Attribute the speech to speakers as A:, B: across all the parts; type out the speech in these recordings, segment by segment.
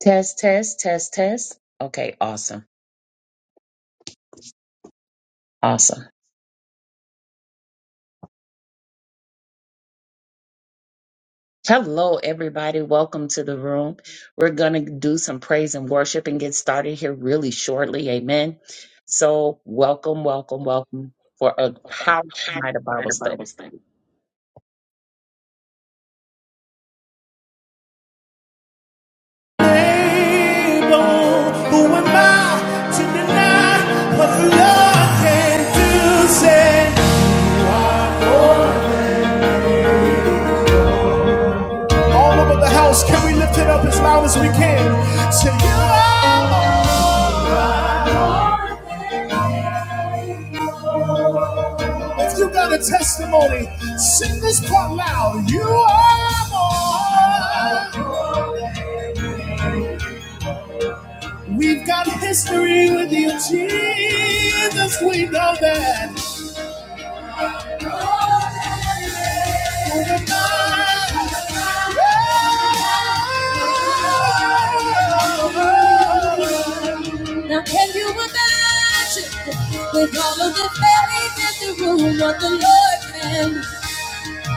A: Test, test, test, test. Okay, awesome. Awesome. Hello, everybody. Welcome to the room. We're going to do some praise and worship and get started here really shortly. Amen. So, welcome, welcome, welcome for a powerful night of Bible study.
B: all over the house, can we lift it up as loud as we can? Say, you are more. If you got a testimony, sing this part loud. You are more. We've got history with you, Jesus. We know that. Now can you imagine with all of the fairies in the room what the Lord can,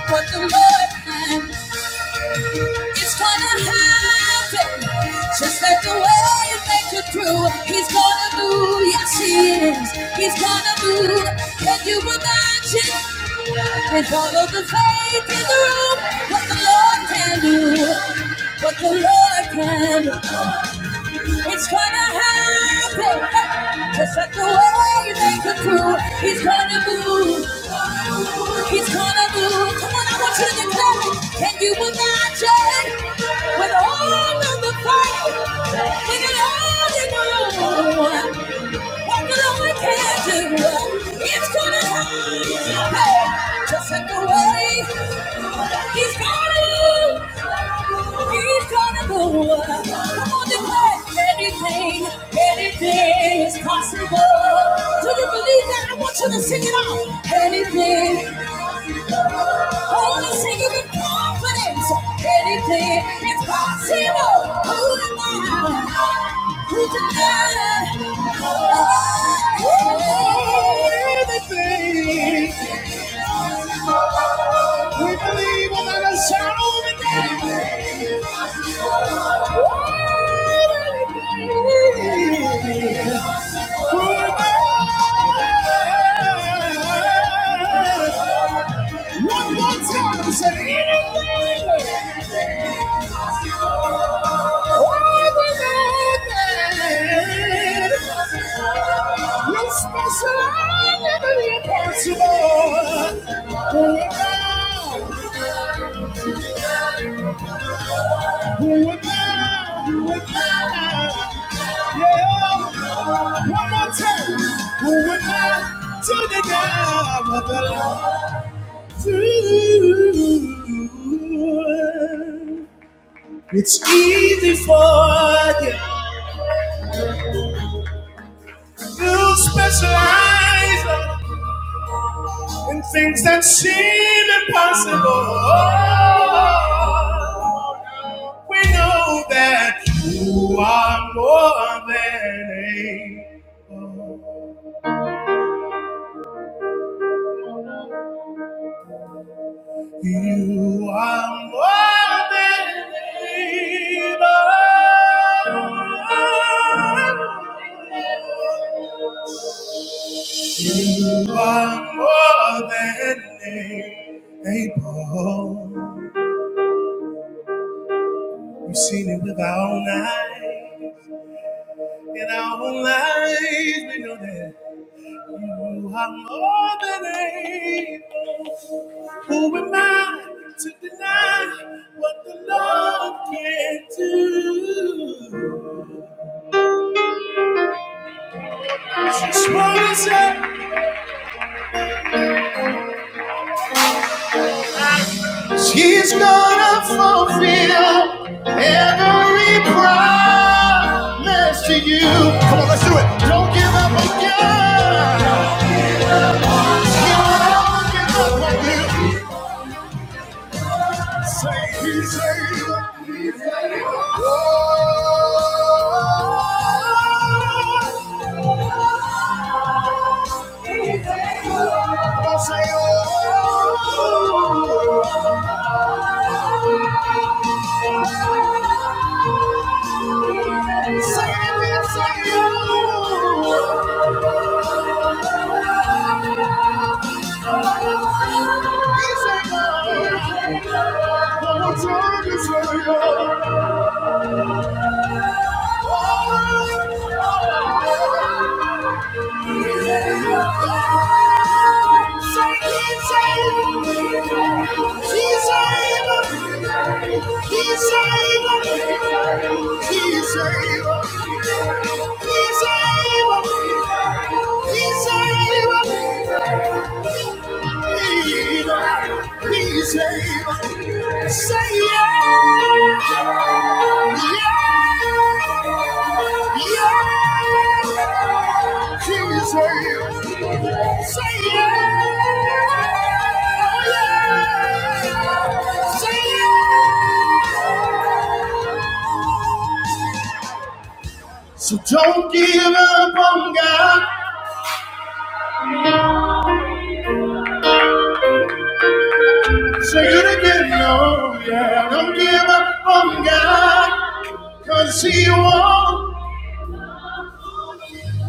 B: what the Lord can? It's gonna happen. Just like the way you make it through. He's gonna move. Yes, he is. He's gonna move. Can you imagine? With all of the faith in the room, what the Lord can do. What the Lord can do. It's gonna happen. Just like the way they could do. He's gonna move. He's gonna move. Come on, I want you to clap. Can you imagine? With all of the fire, with it all you know. What the Lord can do, it's gonna happen. Hey, just like the way He's gonna do, He's gonna do. Come on, declare anything, anything is possible. Do you believe that? I want you to sing it out. Anything. oh, let's sing it with confidence. Anything is possible. Who am I? Everything we believe without a shadow of a doubt. Everything. We're one more time, say anything. Overrated. You're special, I never impossible. Who would now? Who would now? Yeah. One more time. Who would now? To the God of the Lord through. It's easy for you. You specialize in things that seem impossible. We know that you are more than able. You are more than able. You are more than able. we have seen it with our own eyes. In our own lives, we know that you are more than able. Who am I to deny what the Lord can do? She's gonna say she's gonna fulfill every promise to you. Come on, let's do it. Don't. Thank you. So don't give up on God. Say it again, no, yeah. Don't give up on God, 'cause he won't.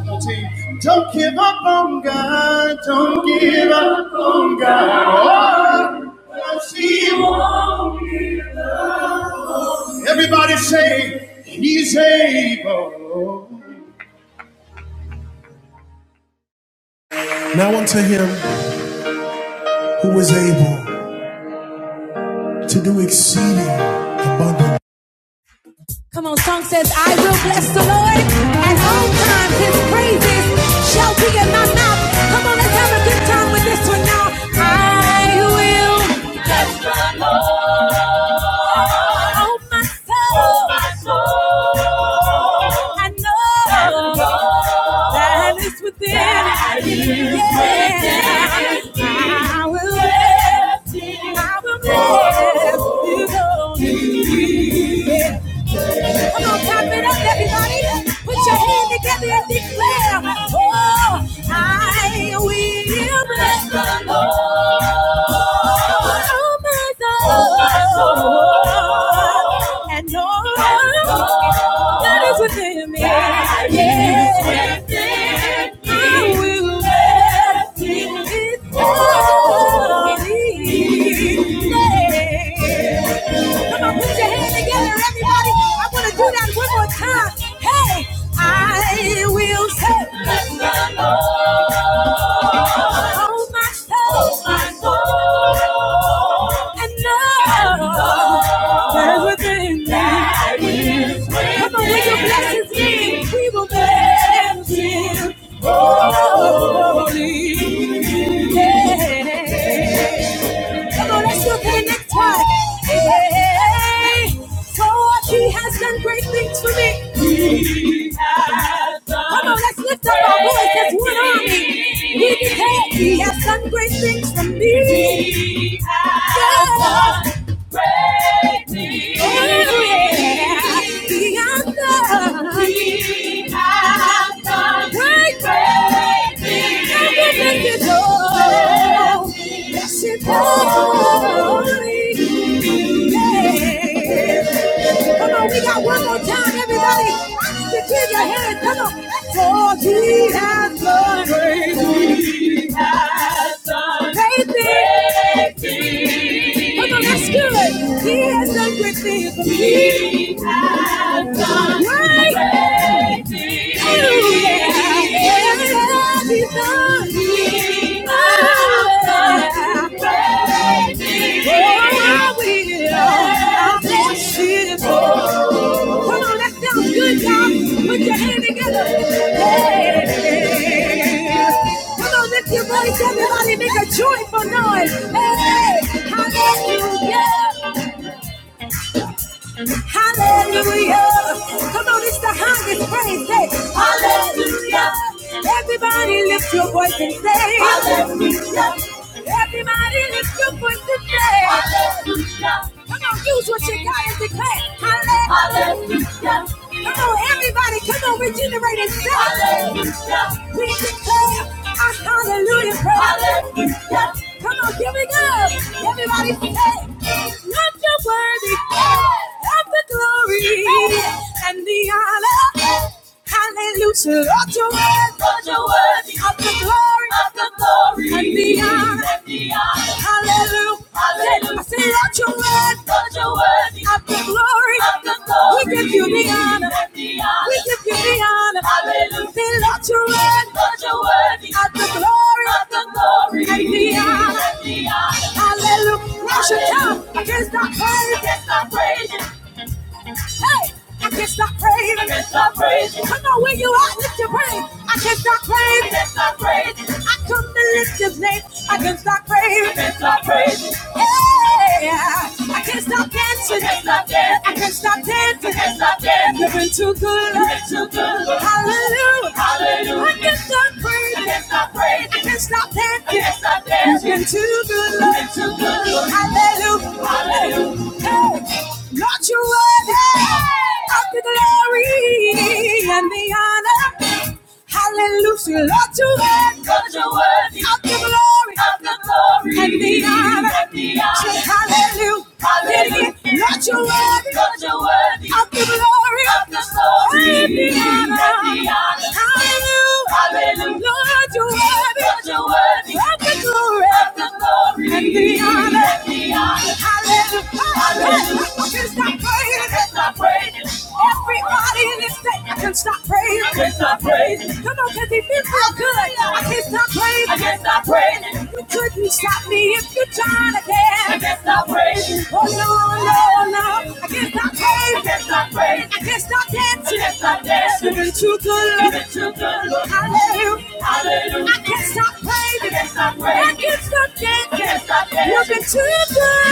B: Don't give up on God. Don't give up on God. Oh, see Everybody say, He's able. Now unto him who is able to do exceeding abundantly. Come on, song says, I will bless the Lord at all times. His praises shall be in my mouth. Come on, let's have a good time with this one now. I will bless the Lord. Oh, my soul. Oh, my soul. I know that it's within. That is yeah. within. I will bless. I will bless you, Come on, clap it up, everybody. Put your hand together and declare, Oh, I will bless the Lord. Oh, my soul. Oh, my soul. And all that is within me. That is within me. I will bless his holy name. Come on, put your hand together, everybody. I want to do that one more time. Hey, I will say, bless the Lord. Oh, my soul, oh, my soul. And know everything That is within Come on, when you bless his name, we will bless him. Holy. Yeah. Come on, let's go to the next part. Hey, for what he has done great things for me. Come on, let's lift up our voice. He, hey, he has done great things for me. Great things. Yeah, he has done. Come on, we got one more time, everybody. Lift your hands, come on. For he has done great Great Come on, that's good. He has done great things for me. He has done great things. Hallelujah. Yes, he's done. He has done great things. Oh, I will. I'll bless his holy Come on, that sounds good, y'all. Put your hand together. Hey, Come on, lift your voice, everybody, make a joyful noise. Hey, hallelujah. Hallelujah. Come on, it's the highest praise. Say, Hallelujah. Everybody lift your voice and say, Hallelujah. Everybody lift your voice and say, Hallelujah. Come on, use what you got and declare. Hallelujah. Come on, everybody, come on, regenerate and say, Hallelujah. We declare our hallelujah praise. Hallelujah. Come on, here we go. Everybody say, not your worthy. Of the glory and the honor. Hallelujah. Lord, you're worthy. Lord, you're worthy of the glory, of the glory, and the honor. And the honor. Hallelujah. Hallelujah. I say, Lord, you're worthy. Lord, you're worthy of the glory, of the glory. We give you the honor. And the honor. We give you the honor. Hallelujah. Say, Lord, you're worthy. Lord, you're worthy of the glory, of the glory, and the honor. And the honor. Hallelujah. Rush it down against our praise. Against our praise. Hey, I can't stop praising. I can't stop praising. Come on, where you are, lift your praise. I can't stop praising. I can't stop praising. I come to lift His name. I can't stop praising can't stop praising. Yeah, I can't stop dancing. I can't stop dancing. I can't stop I dancing. I can't stop dancing. You've been too good. You've been too good. Hallelujah. Hallelujah. I can't stop praising. I can't stop praising. I can't stop I dancing. I can't stop dancing. You've been too good. You've been too good. Hallelujah. Hallelujah. Hey, Lord, you're worthy. I'll be glad glory and the honor. Hallelujah, Lord, you worthy. because you're worthy. Of the glory, of the glory, and the honor. And the honor. hallelujah, hallelujah. Lord, you're worthy. Lord, you're worthy. Of the glory, of the glory, and the honor. And the honor. Hallelujah, hallelujah. Lord, you're worthy. Lord, you're worthy. Of the glory, of the glory, and the honor. And the honor can stop Can stop praying. Everybody in this state can stop praying. Come on, cause he feels so good. I can't stop praying. You couldn't stop me if you tried again. Oh no, no, no. I can't stop praying. I can't stop dancing to the Lord. Hallelujah. Hallelujah. I can't stop praising. I can't stop praising. I can't stop dancing. I can't stop dancing. You've been too good.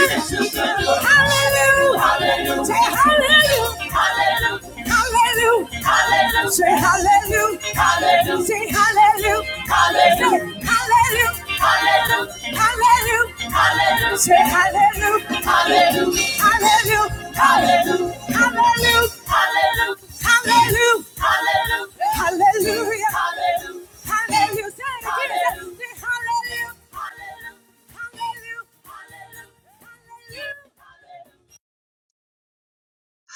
B: Hallelujah. Hallelujah. Say hallelujah. Hallelujah. Hallelujah. Hallelujah. Say hallelujah. Hallelujah. Say hallelujah. Hallelujah. hallelujah. Hallelujah. Hallelujah. Hallelujah. Say hallelujah. Hallelujah. Hallelujah. Hallelujah. Hallelujah. Hallelujah. Hallelujah. Hallelujah. Hallelujah. Hallelujah. hallelujah. Hallelujah.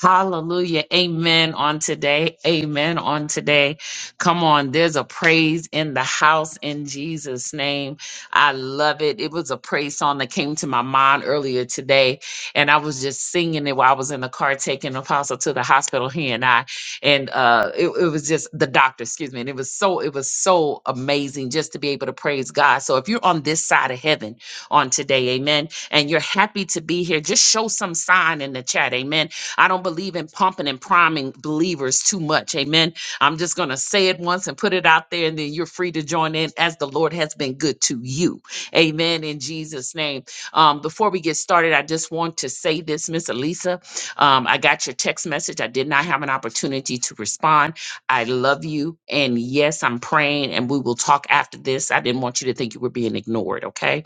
A: Hallelujah. Amen on today. Amen on today. Come on. There's a praise in the house in Jesus' name. I love it. It was a praise song that came to my mind earlier today. And I was just singing it while I was in the car taking Apostle to the hospital, he and I. And uh it, it was just the doctor, excuse me. And it was so, it was so amazing just to be able to praise God. So if you're on this side of heaven on today, amen, and you're happy to be here, just show some sign in the chat. Amen I don't believe in pumping and priming believers too much. Amen. I'm just going to say it once and put it out there, and then you're free to join in as the Lord has been good to you. Amen. In Jesus' name. Um, before we get started, I just want to say this, Miss Elisa. Um, I got your text message. I did not have an opportunity to respond. I love you. And yes, I'm praying, and we will talk after this. I didn't want you to think you were being ignored. Okay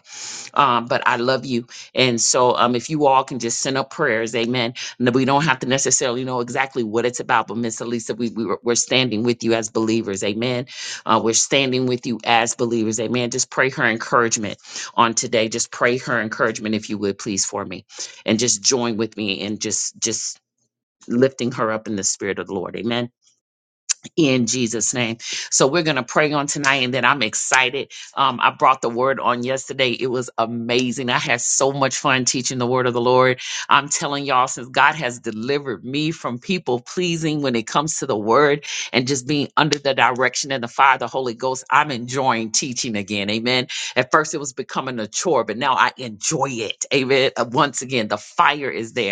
A: um, but I love you. And so, um, if you all can just send up prayers, amen. And that we don't have to necessarily know exactly what it's about, but Miss Elisa, we, we we're we're standing with you as believers, amen. Uh, we're standing with you as believers, amen. Just pray her encouragement on today. Just pray her encouragement, if you would, please, for me, and just join with me and just just lifting her up in the spirit of the Lord, amen in Jesus' name. So we're going to pray on tonight, and then I'm excited. Um, I brought the word on yesterday. It was amazing. I had so much fun teaching the word of the Lord. I'm telling y'all, since God has delivered me from people pleasing when it comes to the word and just being under the direction and the fire of the Holy Ghost, I'm enjoying teaching again. Amen. At first, it was becoming a chore, but now I enjoy it. Amen. Uh, Once again, the fire is there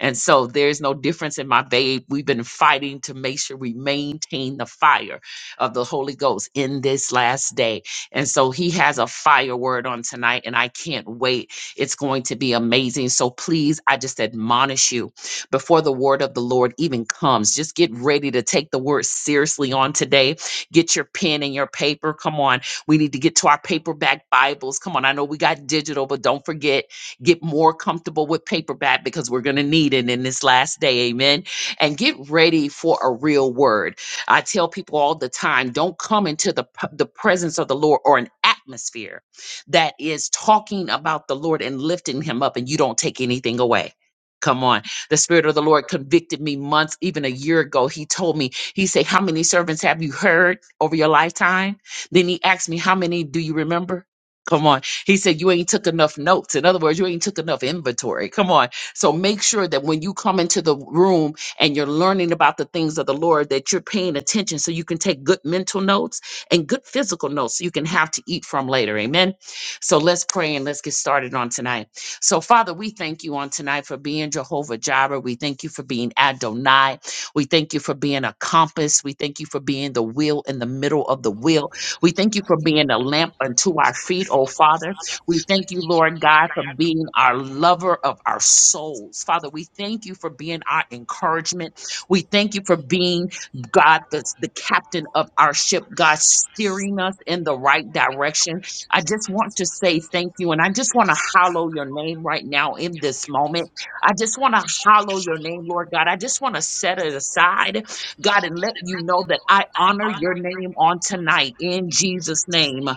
A: and so there's no difference in my babe. We've been fighting to make sure we maintain the fire of the Holy Ghost in this last day. And so he has a fire word on tonight, and I can't wait. It's going to be amazing. So please, I just admonish you before the word of the Lord even comes, just get ready to take the word seriously on today. Get your pen and your paper. Come on. We need to get to our paperback Bibles. Come on. I know we got digital, but don't forget. Get more comfortable with paperback because we're going to need it in this last day. Amen. And get ready for a real word. I tell people all the time don't come into the, p- the presence of the Lord or an atmosphere that is talking about the Lord and lifting him up, and you don't take anything away. Come on. The Spirit of the Lord convicted me months, even a year ago. He told me, He said, How many servants have you heard over your lifetime? Then He asked me, How many do you remember? Come on. He said, You ain't took enough notes. In other words, you ain't took enough inventory. Come on. So make sure that when you come into the room and you're learning about the things of the Lord, that you're paying attention so you can take good mental notes and good physical notes so you can have to eat from later. Amen. So let's pray and let's get started on tonight. So, Father, we thank you on tonight for being Jehovah Jireh. We thank you for being Adonai. We thank you for being a compass. We thank you for being the wheel in the middle of the wheel. We thank you for being a lamp unto our feet, oh Father. We thank you, Lord God, for being our lover of our souls. Father, we thank you for being our encouragement. We thank you for being, God, the, the captain of our ship, God, steering us in the right direction. I just want to say thank you. And I just want to hallow your name right now in this moment. I just want to hallow your name, Lord God. I just want to set it aside, God, and let you know that I honor your name on tonight in Jesus' name.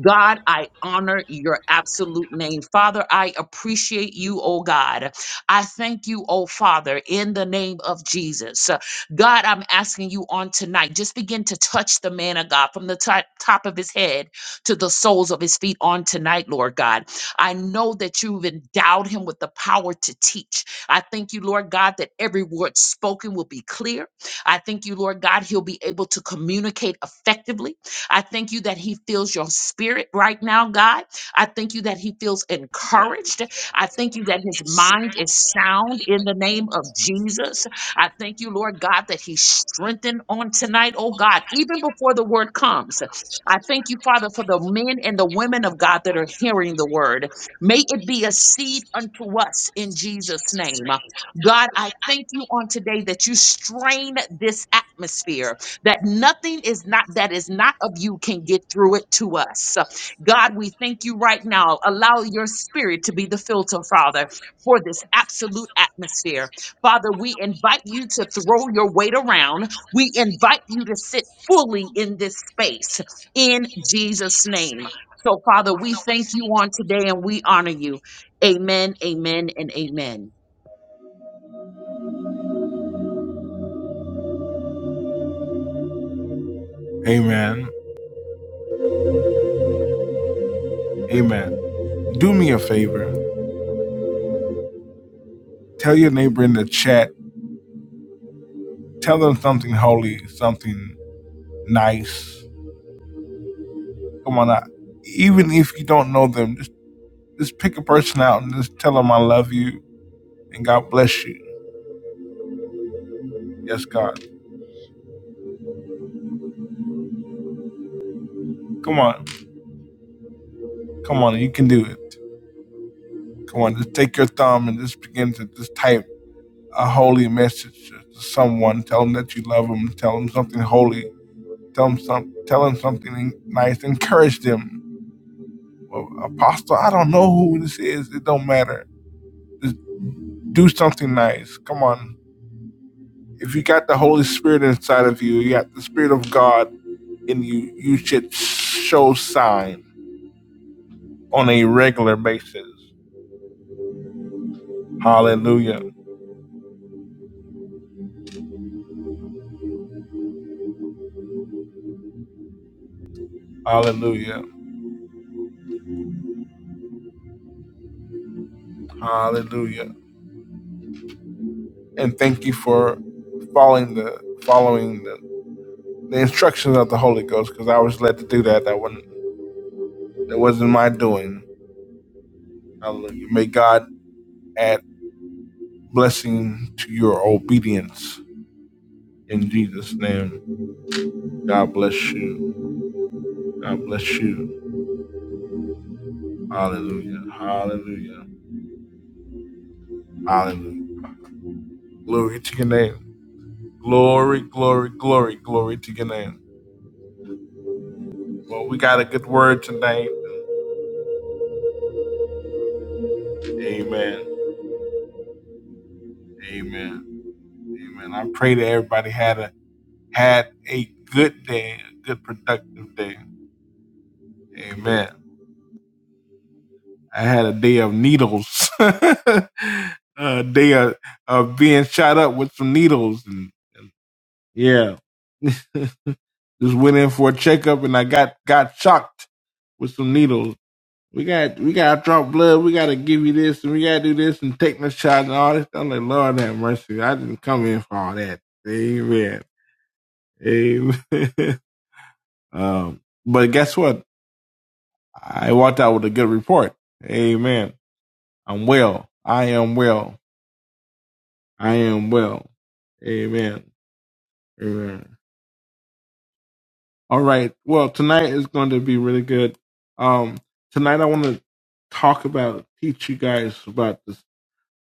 A: God, I honor your absolute name. Father, I appreciate you, oh God. I thank you, oh Father, in the name of Jesus. God, I'm asking you on tonight, just begin to touch the man of God from the top, top of his head to the soles of his feet on tonight, Lord God. I know that you've endowed him with the power to teach. I thank you, Lord God, that every word spoken will be clear. I thank you, Lord God, he'll be able to communicate effectively. I thank you that He feels your spirit right now, God. I thank you that He feels encouraged. I thank you that His mind is sound in the name of Jesus. I thank you, Lord God, that He's strengthened on tonight, oh God, even before the word comes. I thank you, Father, for the men and the women of God that are hearing the word. May it be a seed unto us in Jesus' name. God, I thank you on today that you strain this atmosphere that nothing is not that is not of you can get through it to us. So, God, we thank you right now. Allow your spirit to be the filter, Father, for this absolute atmosphere. Father, we invite you to throw your weight around. We invite you to sit fully in this space in Jesus' name. So, Father, we thank you on today and we honor you. Amen, amen, and amen.
B: Hallelujah. Amen. Amen. Do me a favor. Tell your neighbor in the chat. Tell them something holy, something nice. Come on out. Even if you don't know them, just, just pick a person out and just tell them I love you and God bless you. Yes, God. Come on. Come on. You can do it. Come on, just take your thumb and just begin to just type a holy message to someone. Tell them that you love them. Tell them something holy. Tell them some. Tell them something nice. Encourage them. Well, Apostle, I don't know who this is. It don't matter. Just do something nice. Come on. If you got the Holy Spirit inside of you, you got the Spirit of God in you. You should show sign on a regular basis. Hallelujah. Hallelujah. Hallelujah. and thank you for following the following the, the instructions of the Holy Ghost because I was led to do that. That wasn't that wasn't my doing. Hallelujah. May God add blessing to your obedience in Jesus' name. God bless you. God bless you. Hallelujah. Hallelujah. Hallelujah. Glory to your name. Glory, glory, glory, glory to your name. Well, we got a good word tonight. Amen. Amen. Amen. I pray that everybody had a had a good day, a good productive day. Amen. I had a day of needles, a day of, of being shot up with some needles, and yeah, just went in for a checkup, and I got got shocked with some needles. We got we got to drop blood. We got to give you this, and we got to do this, and take this shot, and all this. I'm like, Lord have mercy. I didn't come in for all that. Amen. Amen. um, but guess what? I walked out with a good report. Amen. I'm well. I am well. I am well. Amen. Amen. All right. Well, tonight is going to be really good. Um, tonight I want to talk about, teach you guys about this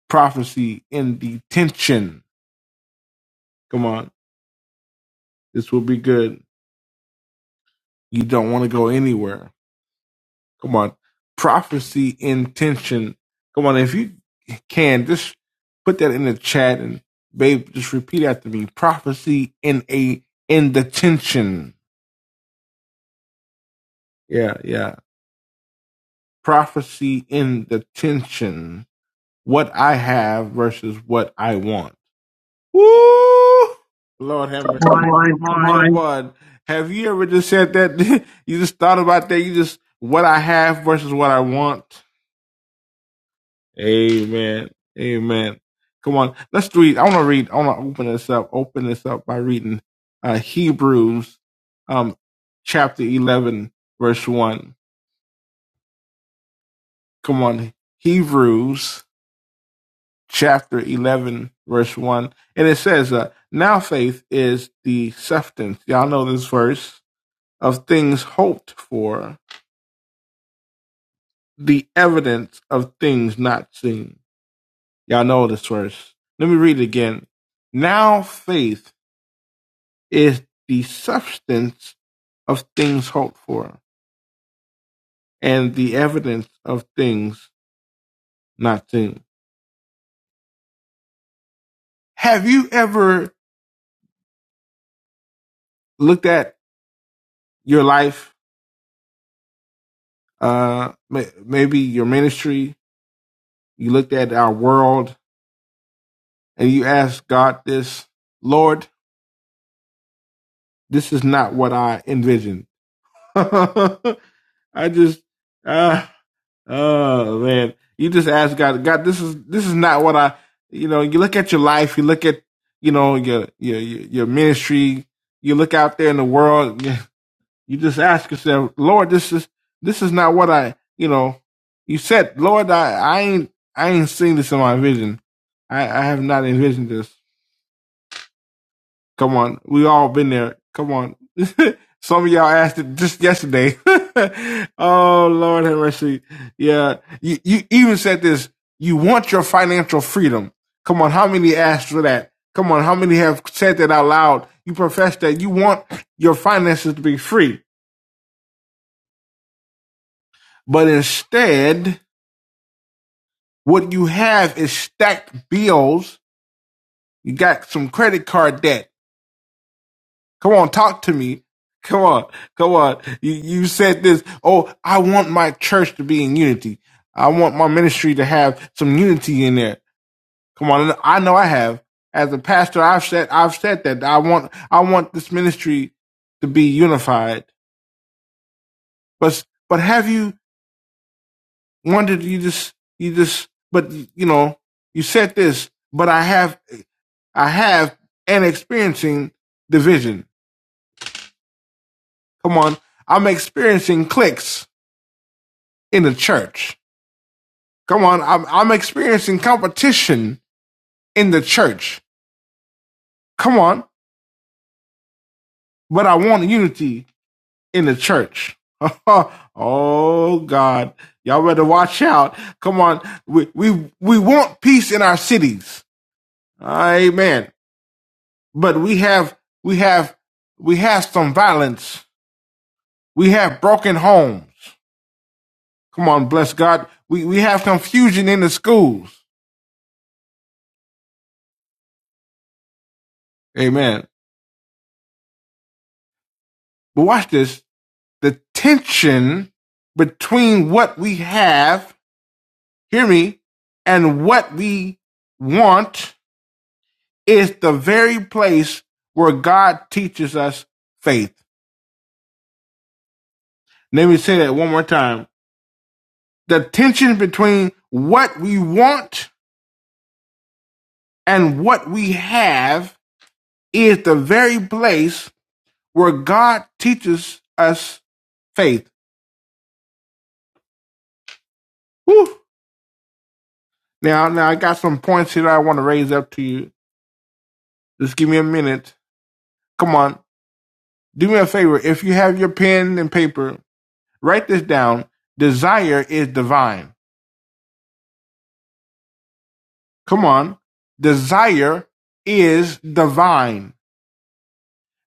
B: prophecy in detention. Come on. This will be good. You don't want to go anywhere. Come on. Prophecy intention. Come on. If you can, just put that in the chat and babe, just repeat after me. Prophecy in a, in the tension. Yeah. Yeah. Prophecy in the tension. What I have versus what I want. Woo! Lord have
A: Come
B: mercy. Come
A: on,
B: on,
A: come
B: Come
A: on,
B: on. Have you ever just said that? you just thought about that. You just, what I have versus what I want. Amen. Amen. Come on. Let's read. I want to read. I want to open this up. Open this up by reading uh, Hebrews um, chapter 11, verse 1. Come on. Hebrews chapter 11, verse 1. And it says, uh, Now faith is the substance. Y'all know this verse of things hoped for, the evidence of things not seen. Y'all know this verse. Let me read it again. Now faith is the substance of things hoped for and the evidence of things not seen. Have you ever looked at your life, uh, maybe your ministry? You looked at our world and you asked God this, Lord, this is not what I envisioned I just, uh, oh man, you just ask God. God, this is this is not what I. You know, you look at your life. You look at you know your your your your ministry. You look out there in the world. You you just ask yourself, Lord, this is this is not what I. You know, you said, Lord, I I ain't I ain't seen this in my vision. I I have not envisioned this. Come on, we all been there. Come on, some of y'all asked it just yesterday. oh Lord have mercy. Yeah, you you even said this. You want your financial freedom. Come on, how many asked for that? Come on, how many have said that out loud? You profess that you want your finances to be free, but instead, what you have is stacked bills. You got some credit card debt. Come on, talk to me. Come on, come on. You, you said this. Oh, I want my church to be in unity. I want my ministry to have some unity in there. Come on, I know I have. As a pastor, I've said I've said that I want I want this ministry to be unified. But but have you wondered? You just you just but you know you said this. But I have I have and experiencing division. Come on, I'm experiencing cliques. in the church. Come on, I'm, I'm experiencing competition in the church. Come on, but I want unity in the church. oh God, y'all better watch out. Come on, we we we want peace in our cities. Amen. But we have we have we have some violence. We have broken homes. Come on, bless God. We we have confusion in the schools. Amen. But watch this. the tension between what we have, hear me, and what we want is the very place where God teaches us faith. Let me say that one more time. The tension between what we want and what we have is the very place where God teaches us faith. Woo. Now, now I got some points here that I want to raise up to you. Just give me a minute. Come on. Do me a favor. If you have your pen and paper, write this down. Desire is divine. Come on. Desire is divine.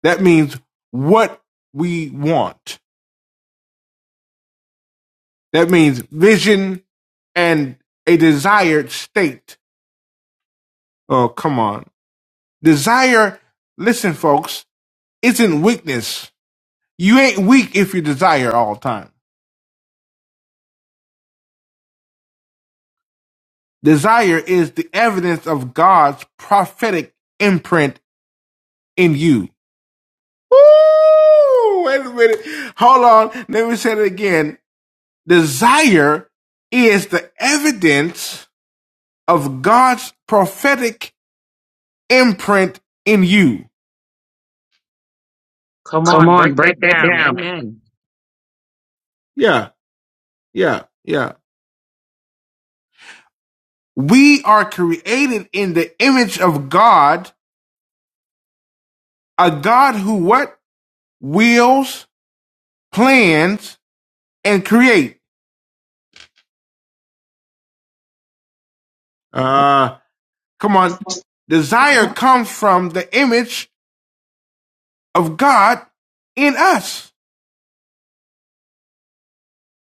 B: That means what we want. That means vision and a desired state. Oh, come on. Desire, listen, folks, isn't weakness. You ain't weak if you desire all the time. Desire is the evidence of God's prophetic imprint in you. Woo! Wait a minute. Hold on. Let me say it again. Desire is the evidence of God's prophetic imprint in you.
A: come on, break that down. Amen.
B: Yeah, yeah, yeah. We are created in the image of God, a God who what? Wills, plans, and create. Uh, come on. Desire comes from the image of God in us.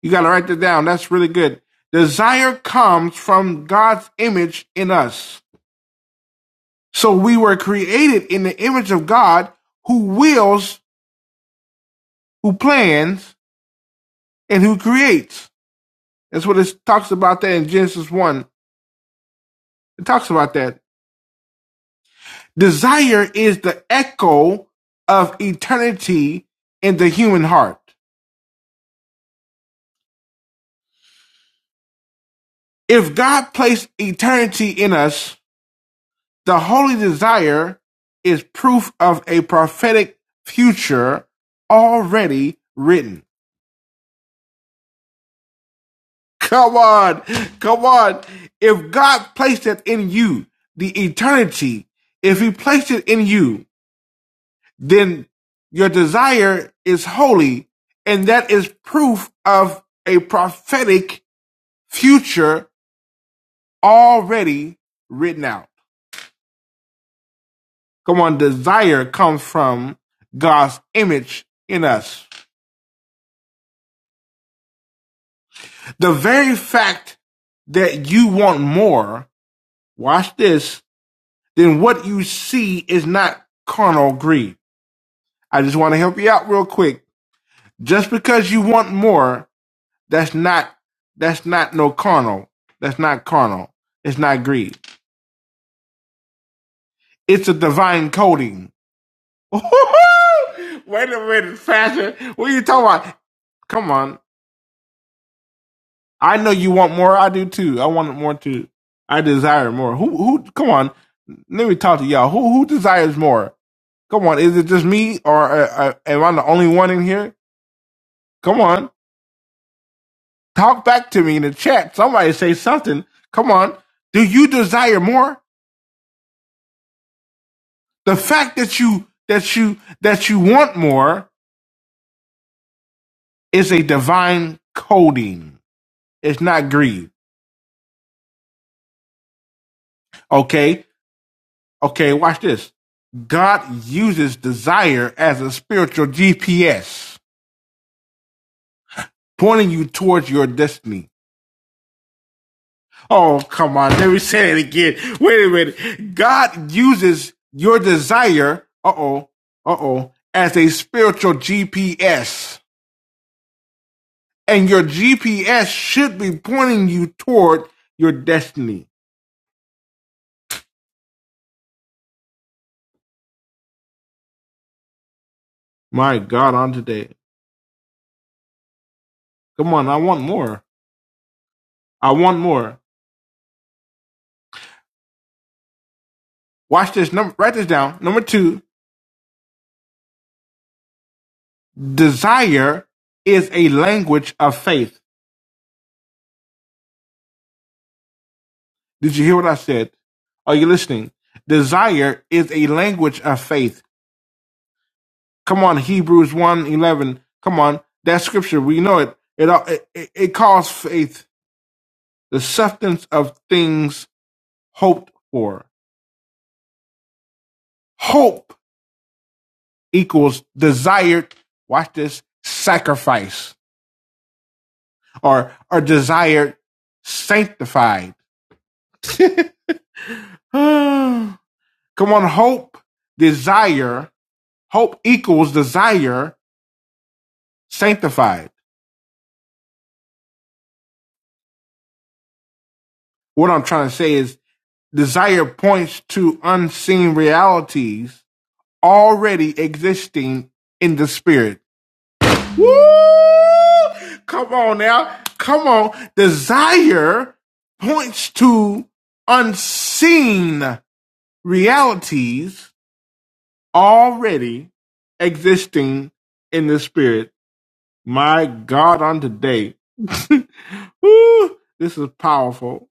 B: You got to write that down. That's really good. Desire comes from God's image in us. So we were created in the image of God who wills, who plans, and who creates. That's what it talks about that in Genesis 1. It talks about that. Desire is the echo of eternity in the human heart. If God placed eternity in us, The holy desire is proof of a prophetic future already written. Come on, come on. If God placed it in you, the eternity, if He placed it in you, then your desire is holy, and that is proof of a prophetic future already written out. Come on, desire comes from God's image in us. The very fact that you want more, watch this, then what you see is not carnal greed. I just want to help you out real quick. Just because you want more, that's not that's not no carnal. That's not carnal. It's not greed. It's a divine coding. Wait a minute, fashion. What are you talking about? Come on. I know you want more. I do too. I want more too. I desire more. Who who? Come on, let me talk to y'all. Who who desires more? Come on, is it just me or uh, uh, am I the only one in here? Come on, talk back to me in the chat. Somebody say something. Come on, do you desire more? The fact that you that you that you want more is a divine coding. It's not greed. Okay, Okay, watch this. God uses desire as a spiritual GPS, pointing you towards your destiny. Oh, come on. Let me say it again. Wait a minute. God uses your desire, uh oh, uh oh, as a spiritual GPS. And your GPS should be pointing you toward your destiny. My God, on today. Come on. I want more. I want more. Watch this. Number, write this down. Number two, Desire is a language of faith. Did you hear what I said? Are you listening? Desire is a language of faith. Come on, Hebrews one eleven. Come on, that scripture, we know it. it, it it calls faith the substance of things hoped for. Hope equals desired, watch this, sacrifice or, or desired sanctified. Come on, hope, desire Hope equals desire sanctified. What I'm trying to say is desire points to unseen realities already existing in the spirit. Woo! Come on now. Come on. Desire points to unseen realities already existing in the spirit. My God, on today. Woo! This is powerful.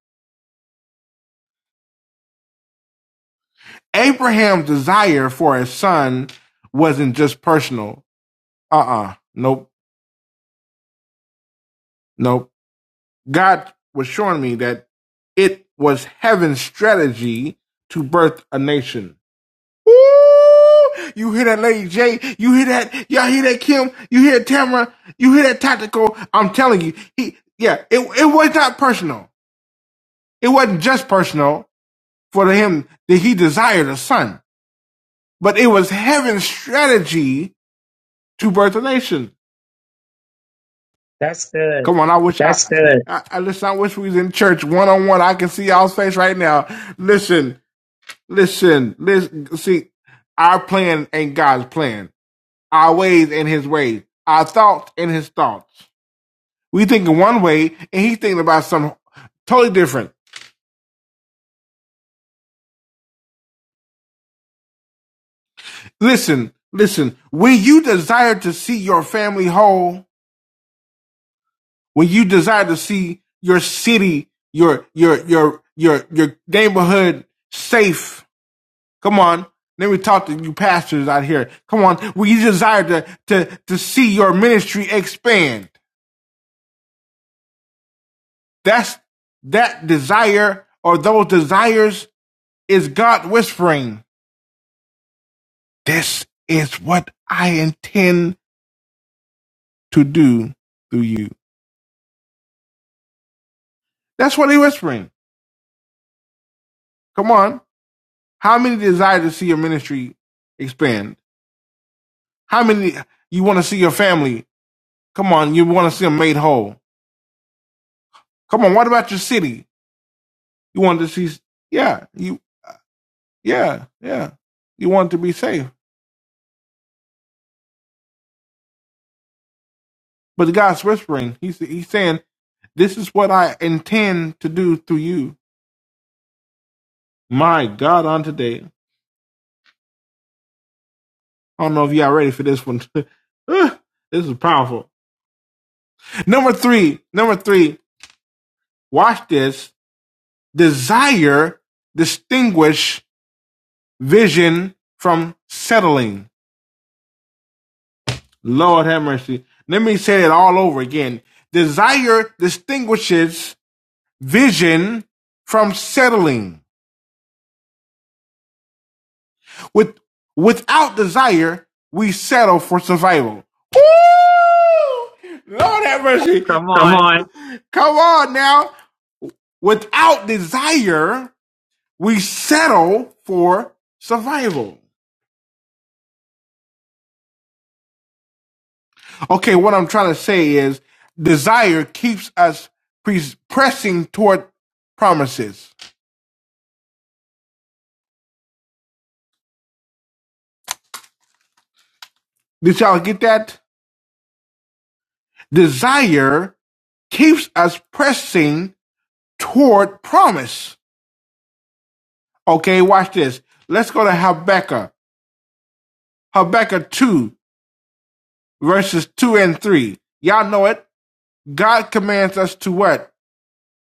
B: Abraham's desire for a son wasn't just personal. Uh uh Nope. Nope. God was showing me that it was heaven's strategy to birth a nation. Woo! You hear that, Lady J? You hear that? Y'all hear that, Kim? You hear Tamara? You hear that, Tactical? I'm telling you, he, yeah, it, it was not personal. It wasn't just personal for him that he desired a son, but it was heaven's strategy to birth a nation.
A: That's good.
B: Come on, I wish I, I listen. I wish we was in church one on one. I can see y'all's face right now. Listen, listen, listen. See, our plan ain't God's plan. Our ways and His ways. Our thoughts and His thoughts. We thinking one way, and He's thinking about some totally different. Listen, listen. When you desire to see your family whole, when you desire to see your city, your your your your your neighborhood safe, Come on. Let me talk to you pastors out here. Come on. We desire to, to, to see your ministry expand. That's that desire or those desires is God whispering, this is what I intend to do through you. That's what he's whispering. Come on. How many desire to see your ministry expand? How many you want to see your family? Come on. You want to see them made whole. Come on. What about your city? You want to see, yeah. you. Yeah, yeah. You want to be safe. But God's whispering. He's he's saying, This is what I intend to do through you. My God, on today. I don't know if y'all ready for this one. Ah, this is powerful. Number three, number three, watch this. Desire distinguish vision from settling. Lord have mercy. Let me say it all over again. Desire distinguishes vision from settling. With without desire, we settle for survival. Woo! Lord have mercy.
A: Come on.
B: Come on now. Without desire, we settle for survival. Okay, what I'm trying to say is desire keeps us pre- pressing toward promises. Did y'all get that? Desire keeps us pressing toward promise. Okay, watch this. Let's go to Habakkuk. Habakkuk 2, verses 2 and 3. Y'all know it. God commands us to what?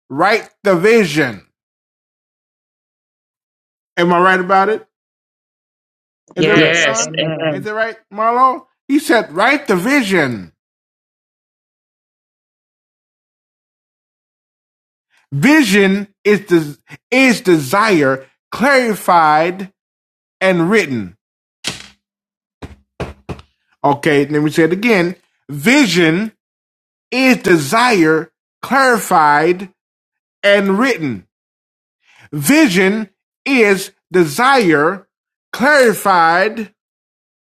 B: Write the vision. Am I right about it? Is
A: Yes. Amen.
B: really right, Marlo? He said, write the vision. Vision is des- is desire clarified and written. Okay, let me say it again. Vision is desire clarified and written. Vision is desire clarified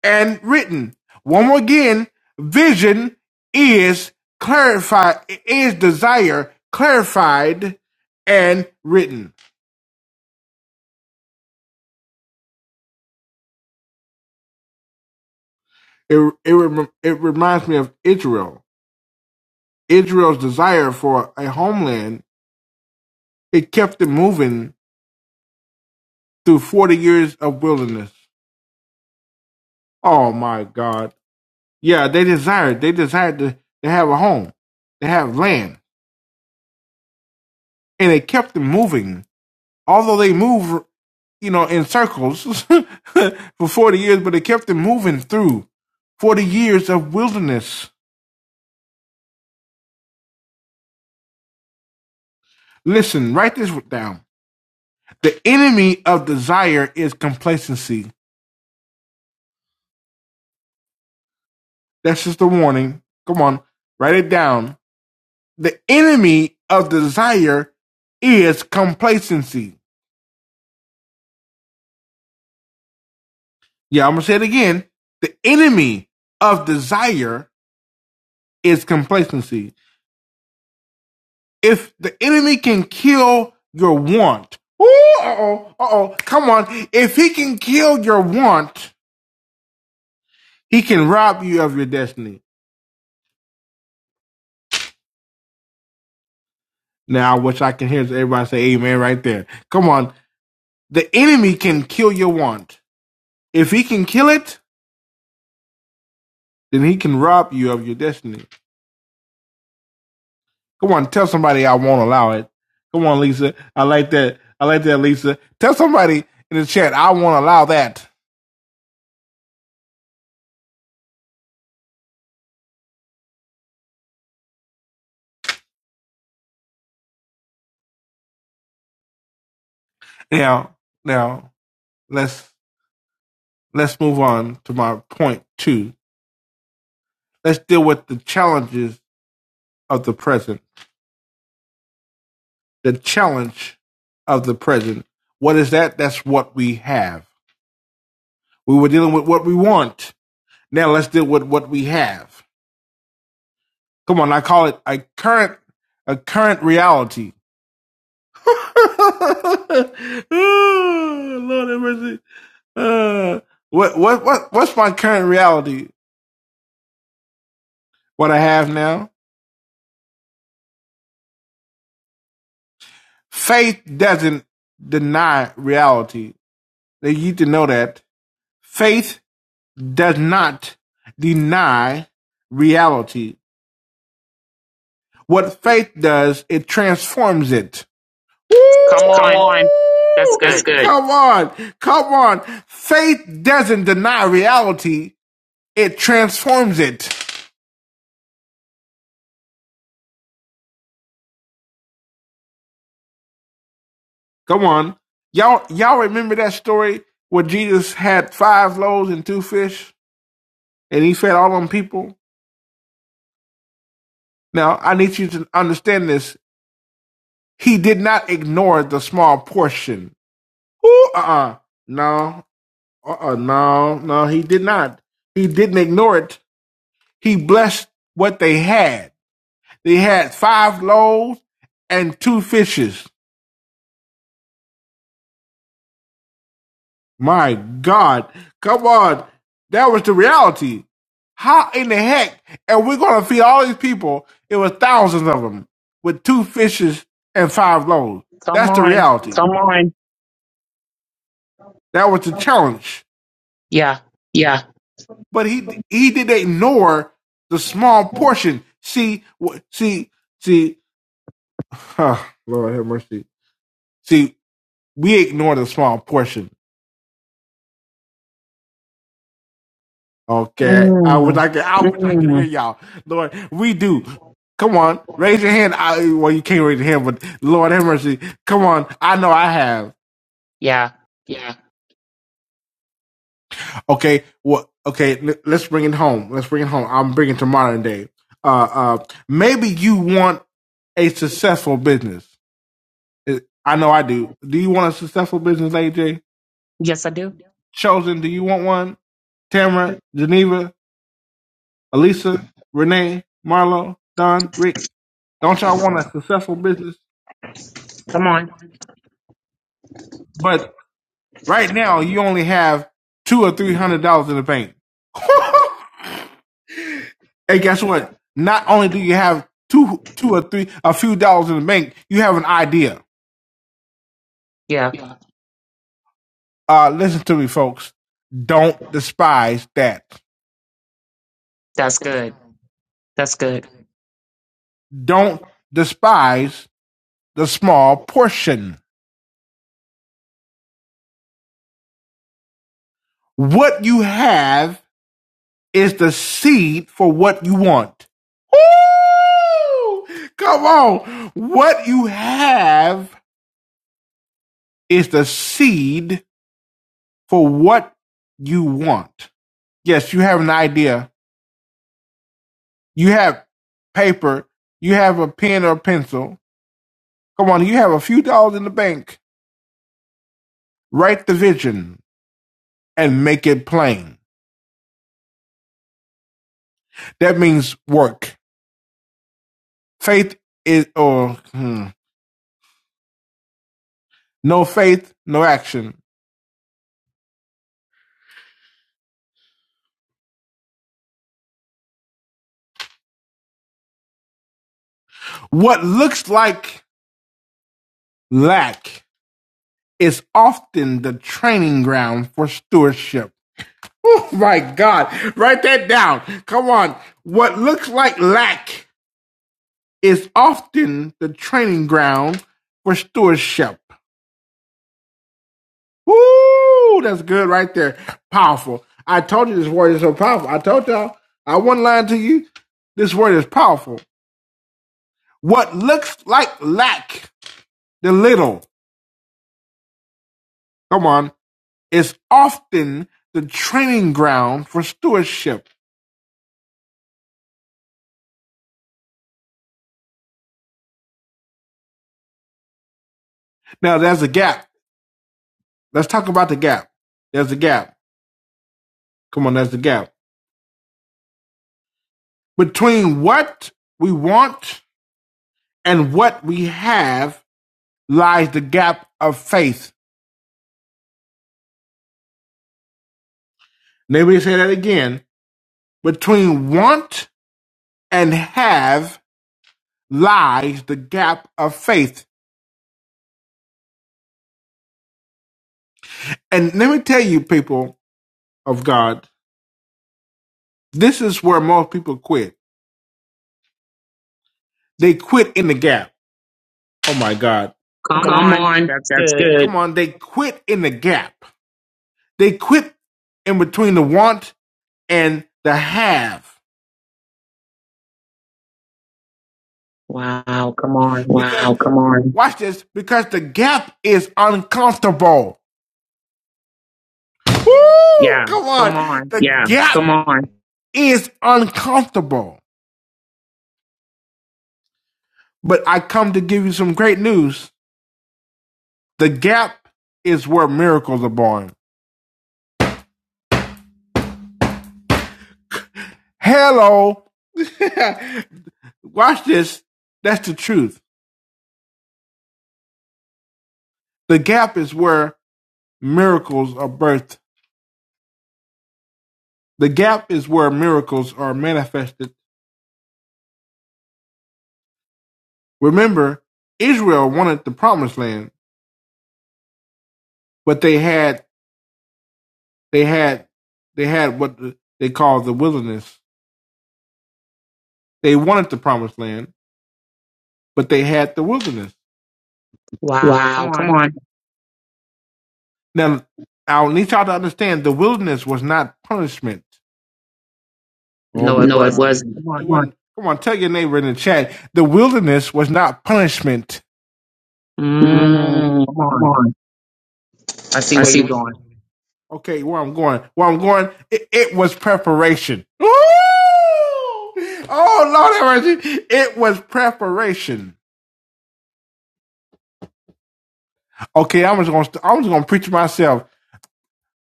B: and written. One more again, vision is clarified, is desire clarified and written. It, it, it reminds me of Israel. Israel's desire for a homeland, it kept them moving through 40 years of wilderness. Oh my God. Yeah, they desired, they desired to, to have a home, to have land, and it kept them moving. Although they moved you know, in circles for 40 years, but it kept them moving through 40 years of wilderness. Listen, write this down. The enemy of desire is complacency. That's just a warning. Come on, write it down. The enemy of desire is complacency. Yeah, I'm going to say it again. The enemy of desire is complacency. If the enemy can kill your want, ooh, uh-oh, uh-oh, come on. If he can kill your want, he can rob you of your destiny. Now, I wish I can hear everybody say amen right there. Come on. The enemy can kill your want. If he can kill it, then he can rob you of your destiny. Come on, tell somebody I won't allow it. Come on, Lisa. I like that. I like that, Lisa. Tell somebody in the chat I won't allow that. Now, now, let's Let's move on to my point two. Let's deal with the challenges of the present. The challenge of the present. What is that? That's what we have. We were dealing with what we want. Now let's deal with what we have. Come on, I call it a current a current reality. Oh, Lord have mercy. Uh, what what what what's my current reality? What I have now? Faith doesn't deny reality. that you need to know that faith does not deny reality. What faith does, it transforms it.
A: Come on. That's
B: Woo!
A: good.
B: Come on, come on. Faith doesn't deny reality; it transforms it. Come on, y'all. Y'all remember that story where Jesus had five loaves and two fish, and he fed all them people. Now, I need you to understand this. He did not ignore the small portion Ooh, uh-uh. No. Uh-uh. No. No, he did not. He didn't ignore it. He blessed what they had. They had five loaves and two fishes. My God. Come on. That was the reality. How in the heck are we going to feed all these people? It was thousands of them with two fishes and five loaves.
A: Come
B: That's the
A: on.
B: reality. That was the challenge.
A: Yeah.
B: but he he did ignore the small portion. See, wh- see, see. Huh, Lord have mercy. See, we ignore the small portion. Okay, I was
A: Mm.
B: like, I hear y'all, Lord. We do. Come on, raise your hand. I, well, you can't raise your hand, but Lord have mercy. Come on, I know I have.
A: Yeah.
B: Okay, well, okay, l- let's bring it home. Let's bring it home. I'm bringing it to modern day. Uh, uh, maybe you want a successful business It- I know I do. Do you want a successful business, AJ?
A: Yes, I do.
B: Chosen, do you want one? Tamara, Geneva, Elisa, Renee, Marlo, Don, Rick. Don't y'all want a successful business?
A: Come on.
B: But right now, you only have two or three hundred dollars in the bank. hey, guess what? Not only do you have two, two or three, a few dollars in the bank, you have an idea.
A: Yeah.
B: Uh, listen to me, folks. Don't despise that.
A: That's good. That's good.
B: Don't despise the small portion What you have is the seed for what you want. Ooh, Come on. What you have is the seed for what you want. Yes, you have an idea. You have paper. You have a pen or a pencil. Come on, you have a few dollars in the bank. Write the vision and make it plain. That means work. Faith is, or hmm, no faith, no action. What looks like lack is often the training ground for stewardship. Oh my God. Write that down. Come on. What looks like lack is often the training ground for stewardship. Woo! That's good right there. Powerful. I told you this word is so powerful. I told y'all. I one line to you. This word is powerful. What looks like lack, the little. Come on. is often the training ground for stewardship. Now, there's a gap. Let's talk about the gap. There's a gap. Come on, there's a gap. Between what we want and what we have lies the gap of faith. Let me say that again. Between want and have lies the gap of faith. And let me tell you, people of God, this is where most people quit. They quit in the gap. Oh my God. Come
A: Come on. That's good.
B: Come on, they quit in the gap. They quit in between the want and the have.
A: Wow. Come on.
B: Watch this because the gap is uncomfortable. Woo!
A: Yeah.
B: Come
A: Come
B: on.
A: on.
B: The is uncomfortable. But I come to give you some great news. The gap is where miracles are born. Hello. Watch this. That's the truth. The gap is where miracles are birthed. The gap is where miracles are manifested Remember, Israel wanted the promised land, but they had they had they had what they called the wilderness. They wanted the promised land, but they had the wilderness.
A: Wow. Come on.
B: Now, I need y'all to understand the wilderness was not punishment. Oh
A: No,
B: my.
A: it wasn't. Come on.
B: Come on, tell your neighbor in the chat. The wilderness was not punishment.
A: Mm. Come on. I see where you're going.
B: Okay, where I'm going, where I'm going, it, it was preparation. Woo! Oh Lord, it was preparation. Okay, I'm just gonna i I'm just gonna preach myself.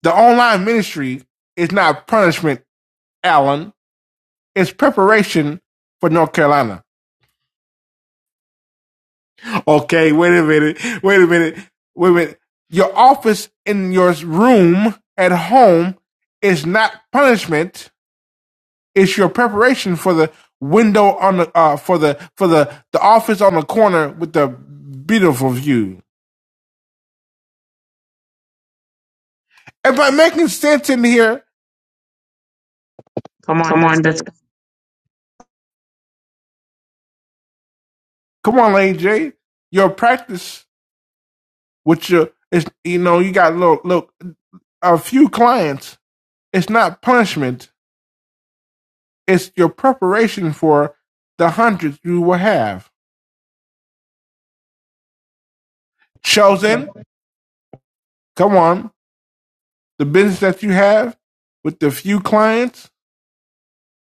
B: The online ministry is not punishment, Alan. It's preparation for North Carolina. Okay, wait a minute, wait a minute, wait a minute. Your office in your room at home is not punishment. It's your preparation for the window on the uh, for the for the the office on the corner with the beautiful view. Am I making sense in here?
A: Come on. That's good.
B: Come on, AJ. Your practice with your it's you know you got look look a few clients it's not punishment it's your preparation for the hundreds you will have chosen come on the business that you have with the few clients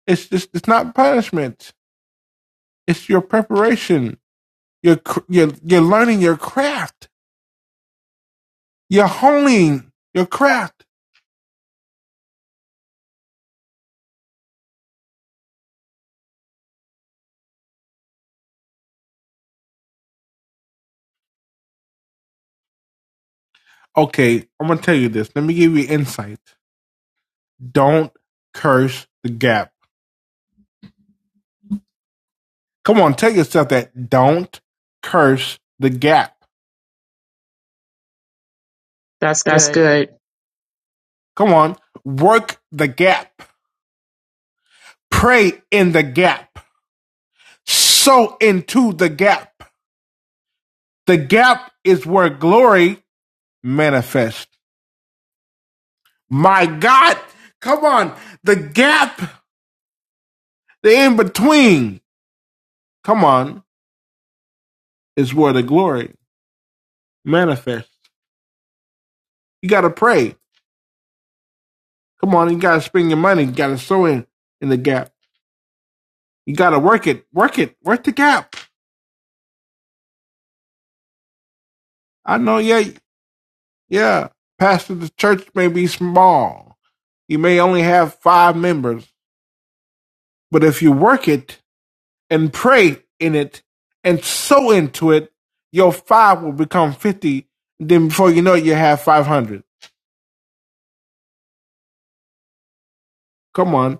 B: it's just it's not punishment it's your preparation you're you're, you're learning your craft you're honing your craft okay i'm gonna tell you this let me give you insight don't curse the gap Come on, tell yourself that. Don't curse the gap.
A: That's good.
B: Come on, work the gap. Pray in the gap. Sow into the gap. The gap is where glory manifests. My God, come on. The gap, the in between, come on, is where the glory manifests. You got to pray. Come on, you got to spend your money. You got to sow in, in the gap. You got to work it, work it, work the gap. I know, yeah, Yeah, pastor, the church may be small. You may only have five members, but if you work it and pray in it and sow into it, your five will become 50. Then before you know it, you have 500. Come on.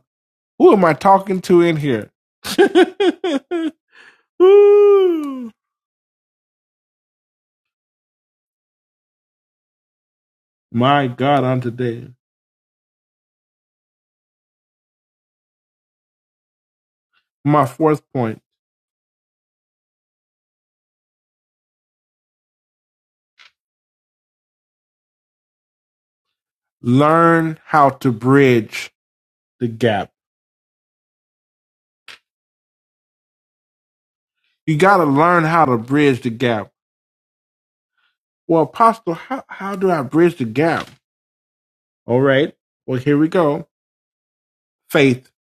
B: Who am I talking to in here? Ooh. My God, on today. My fourth point learn how to bridge the gap. You got to learn how to bridge the gap Well, Apostle, how, how do I bridge the gap? All right. Well, here we go. Faith,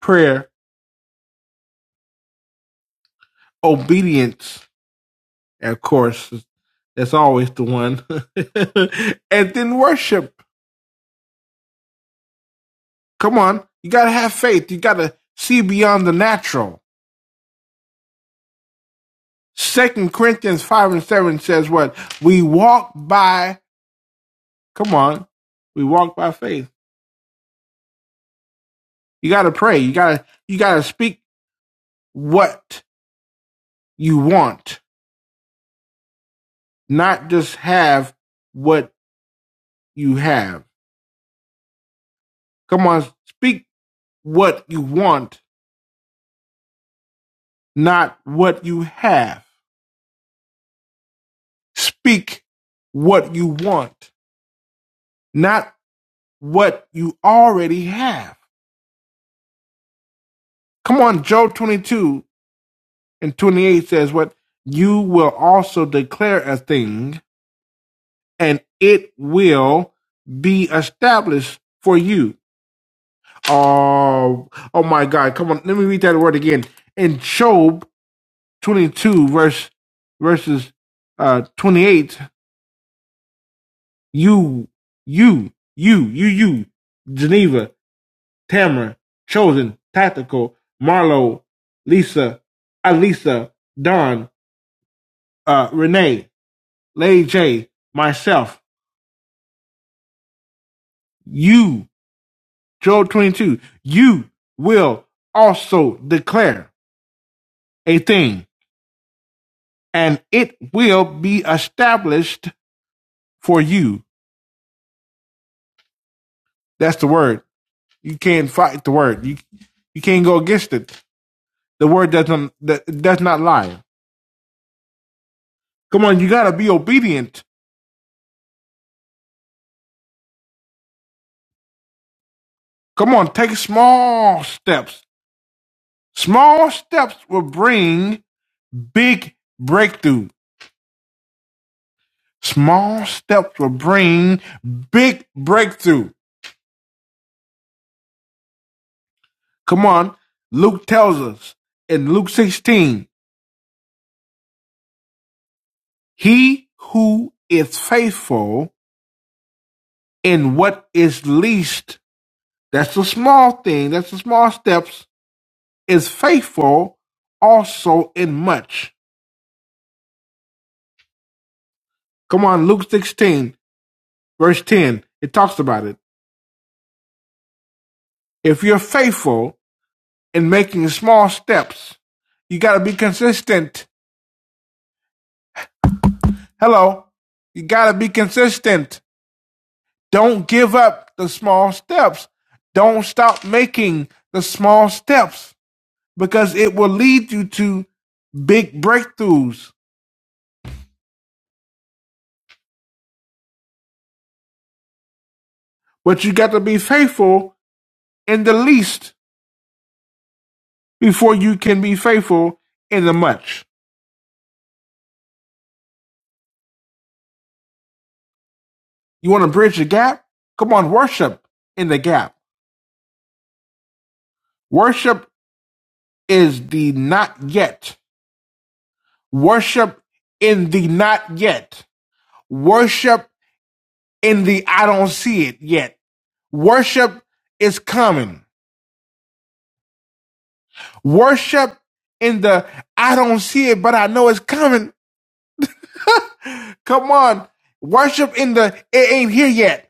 B: prayer, obedience, and of course, that's always the one. and then worship. Come on. You got to have faith. You got to see beyond the natural. Second Corinthians 5 and 7 says what? We walk by, come on. We walk by faith. You got to pray. You got to, you got to speak what you want, not just have what you have. Come on, speak what you want, not what you have. Speak what you want, not what you already have. Come on, Job 22 and 28 says, What you will also declare a thing, and it will be established for you. Oh, oh my God. Come on, let me read that word again. In Job 22 verse verses uh 28 you you you you you geneva tamara chosen tactical marlo lisa alisa don uh renee lay j myself you joel 22 you will also declare a thing and it will be established for you that's the word You can't fight the word. You you can't go against it. The word doesn't that it does not lie. Come on, you gotta be obedient. Come on, take small steps. Small steps will bring big breakthrough. Small steps will bring big breakthrough. Come on, Luke tells us in Luke 16, he who is faithful in what is least, that's the small thing, that's the small steps, is faithful also in much. Come on, Luke 16, verse 10. It talks about it. If you're faithful in making small steps, you got to be consistent. Hello. You got to be consistent. Don't give up the small steps. Don't stop making the small steps because it will lead you to big breakthroughs. But you got to be faithful in the least. before you can be faithful in the much. You want to bridge the gap? Come on, worship in the gap. Worship is the not yet. Worship in the not yet. Worship in the I don't see it yet. Worship is coming. Worship in the I don't see it, but I know it's coming. Come on. Worship in the it ain't here yet.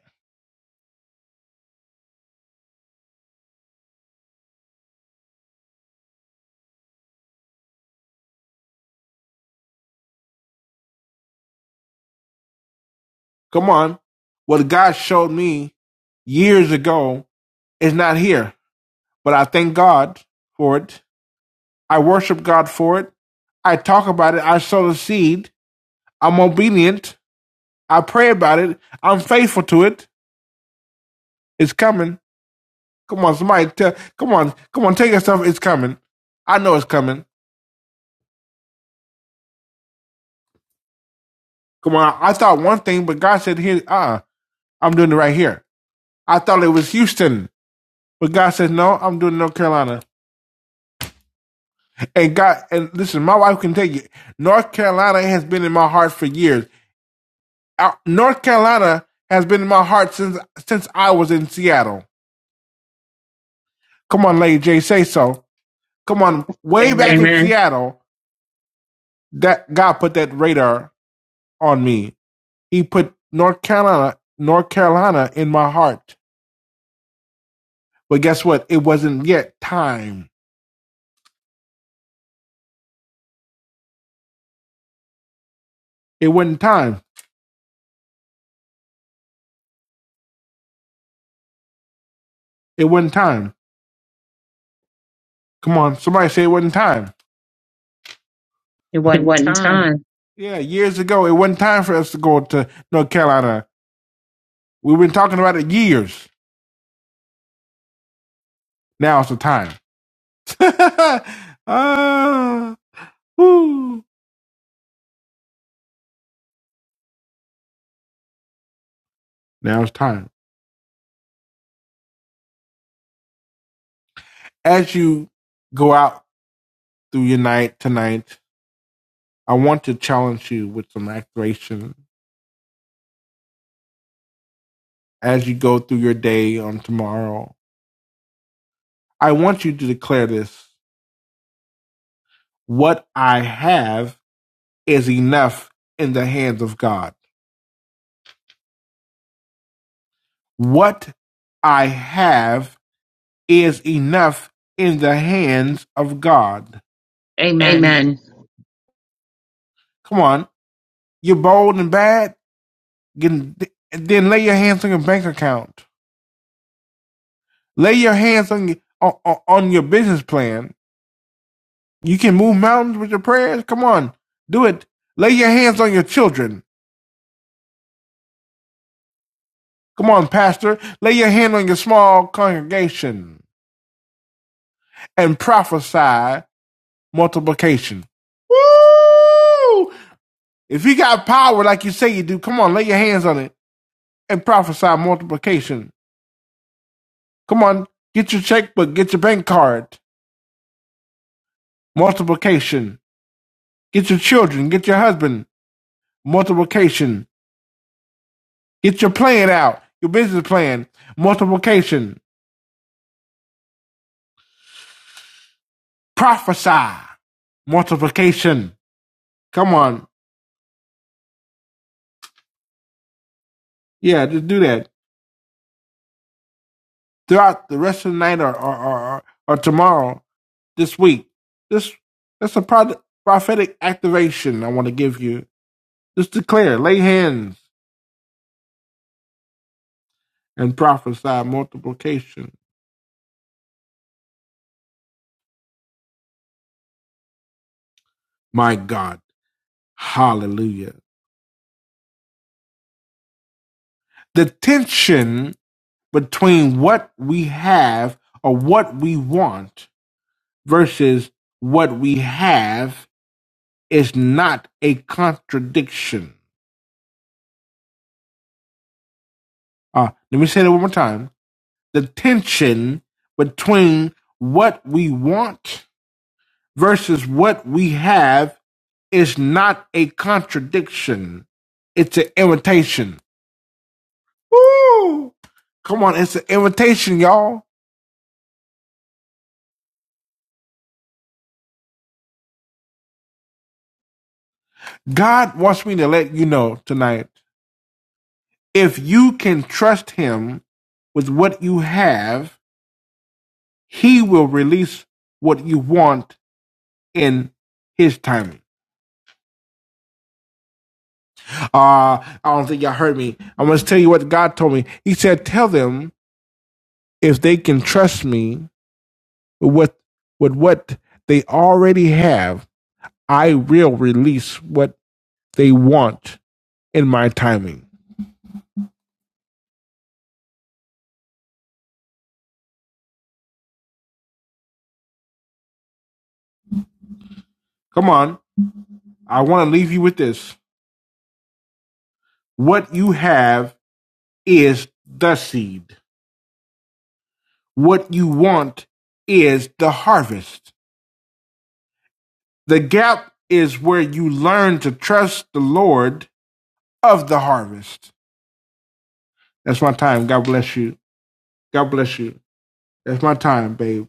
B: Come on. What God showed me years ago is not here, but I thank God for it. I worship God for it. I talk about it. I sow the seed. I'm obedient. I pray about it. I'm faithful to it. It's coming. Come on, somebody. Tell, come on. Come on. Take yourself. It's coming. I know it's coming. Come on. I, thought one thing, but God said, here, uh, I'm doing it right here. I thought it was Houston, but God said, no, I'm doing North Carolina. And God, and listen, my wife can tell you, North Carolina has been in my heart for years. Out- North Carolina has been in my heart since since I was in Seattle. Come on, Lady J, say so. Come on, way back
A: Amen.
B: Seattle, that God put that radar on me. He put North Carolina, North Carolina in my heart. But guess what? It wasn't yet time. It wasn't time. It wasn't time. Come on, somebody say it wasn't time.
A: It wasn't time.
B: Yeah, years ago, it wasn't time for us to go to North Carolina We've been talking about it years. Now it's the time. Ah, woo. Now it's time. As you go out through your night tonight, I want to challenge you with some activation. As you go through your day on tomorrow, I want you to declare this. What I have is enough in the hands of God. What I have is enough in the hands of God.
A: Amen.
B: Come on. You're bold and bad. Then lay your hands on your bank account. Lay your hands on, on on your business plan. You can move mountains with your prayers. Come on, do it. Lay your hands on your children. Come on, pastor. Lay your hand on your small congregation and prophesy multiplication. Woo! If you got power like you say you do, come on, lay your hands on it and prophesy multiplication. Come on, get your checkbook, get your bank card. Multiplication. Get your children, get your husband, multiplication. Get your plan out, your business plan, multiplication. Prophesy, multiplication. Come on. Yeah, just do that. Throughout the rest of the night or, or, or, or tomorrow, this week. This that's a prod- prophetic activation I want to give you. Just declare, lay hands and prophesy multiplication. My God, Hallelujah! The tension between what we have or what we want versus what we have is not a contradiction. Uh, let me say that one more time. The tension between what we want versus what we have is not a contradiction. It's an invitation. Woo! Come on, it's an invitation, y'all. God wants me to let you know tonight If you can trust him with what you have, he will release what you want in his timing. Uh, I don't think y'all heard me. I must tell you what God told me. He said, Tell them if they can trust me with what, with what they already have, I will release what they want in my timing. Come on. I want to leave you with this. What you have is the seed. What you want is the harvest. The gap is where you learn to trust the Lord of the harvest. That's my time. God bless you. God bless you. That's my time, babe.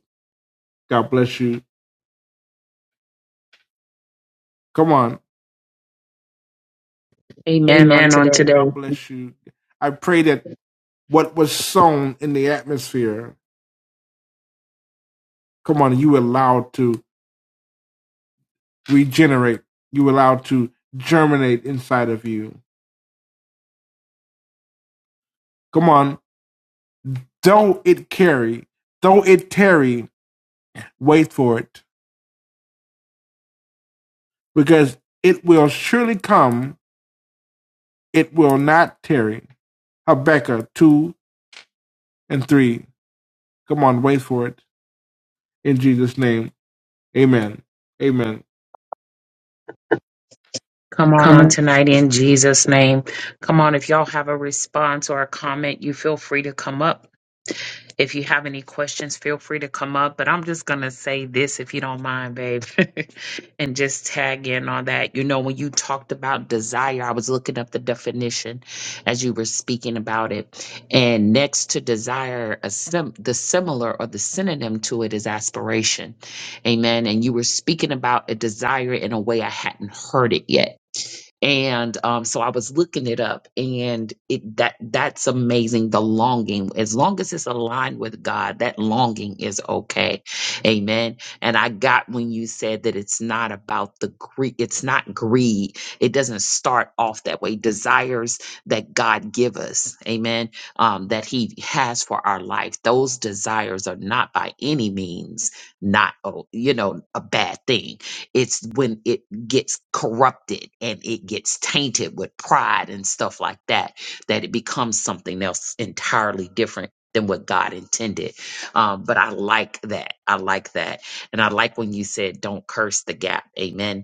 B: God bless you. Come on.
A: Amen on today.
B: Bless you. I pray that what was sown in the atmosphere, come on, you allowed to regenerate. You allowed to germinate inside of you. Come on. Though it carry, though it tarry, wait for it because it will surely come, it will not tarry. Habakkuk 2 and 3. Come on, wait for it. In Jesus' name, amen. Amen.
A: Come on on tonight in Jesus' name. Come on, if y'all have a response or a comment, you feel free to come up. If you have any questions, feel free to come up. But I'm just going to say this, if you don't mind, babe, and just tag in on that. You know, when you talked about desire, I was looking up the definition as you were speaking about it. And next to desire, a sim- the similar or the synonym to it is aspiration. Amen. And you were speaking about a desire in a way I hadn't heard it yet and um, so I was looking it up, and it that that's amazing. The longing, as long as it's aligned with God, that longing is okay, Amen. And I got when you said that it's not about the greed, it's not greed. It doesn't start off that way. Desires that God give us, Amen, um, that He has for our life, those desires are not by any means not oh, you know a bad thing. It's when it gets corrupted and it gets tainted with pride and stuff like that, that it becomes something else entirely different than what God intended. Um, but I like that. I like that. And I like when you said, don't curse the gap. Amen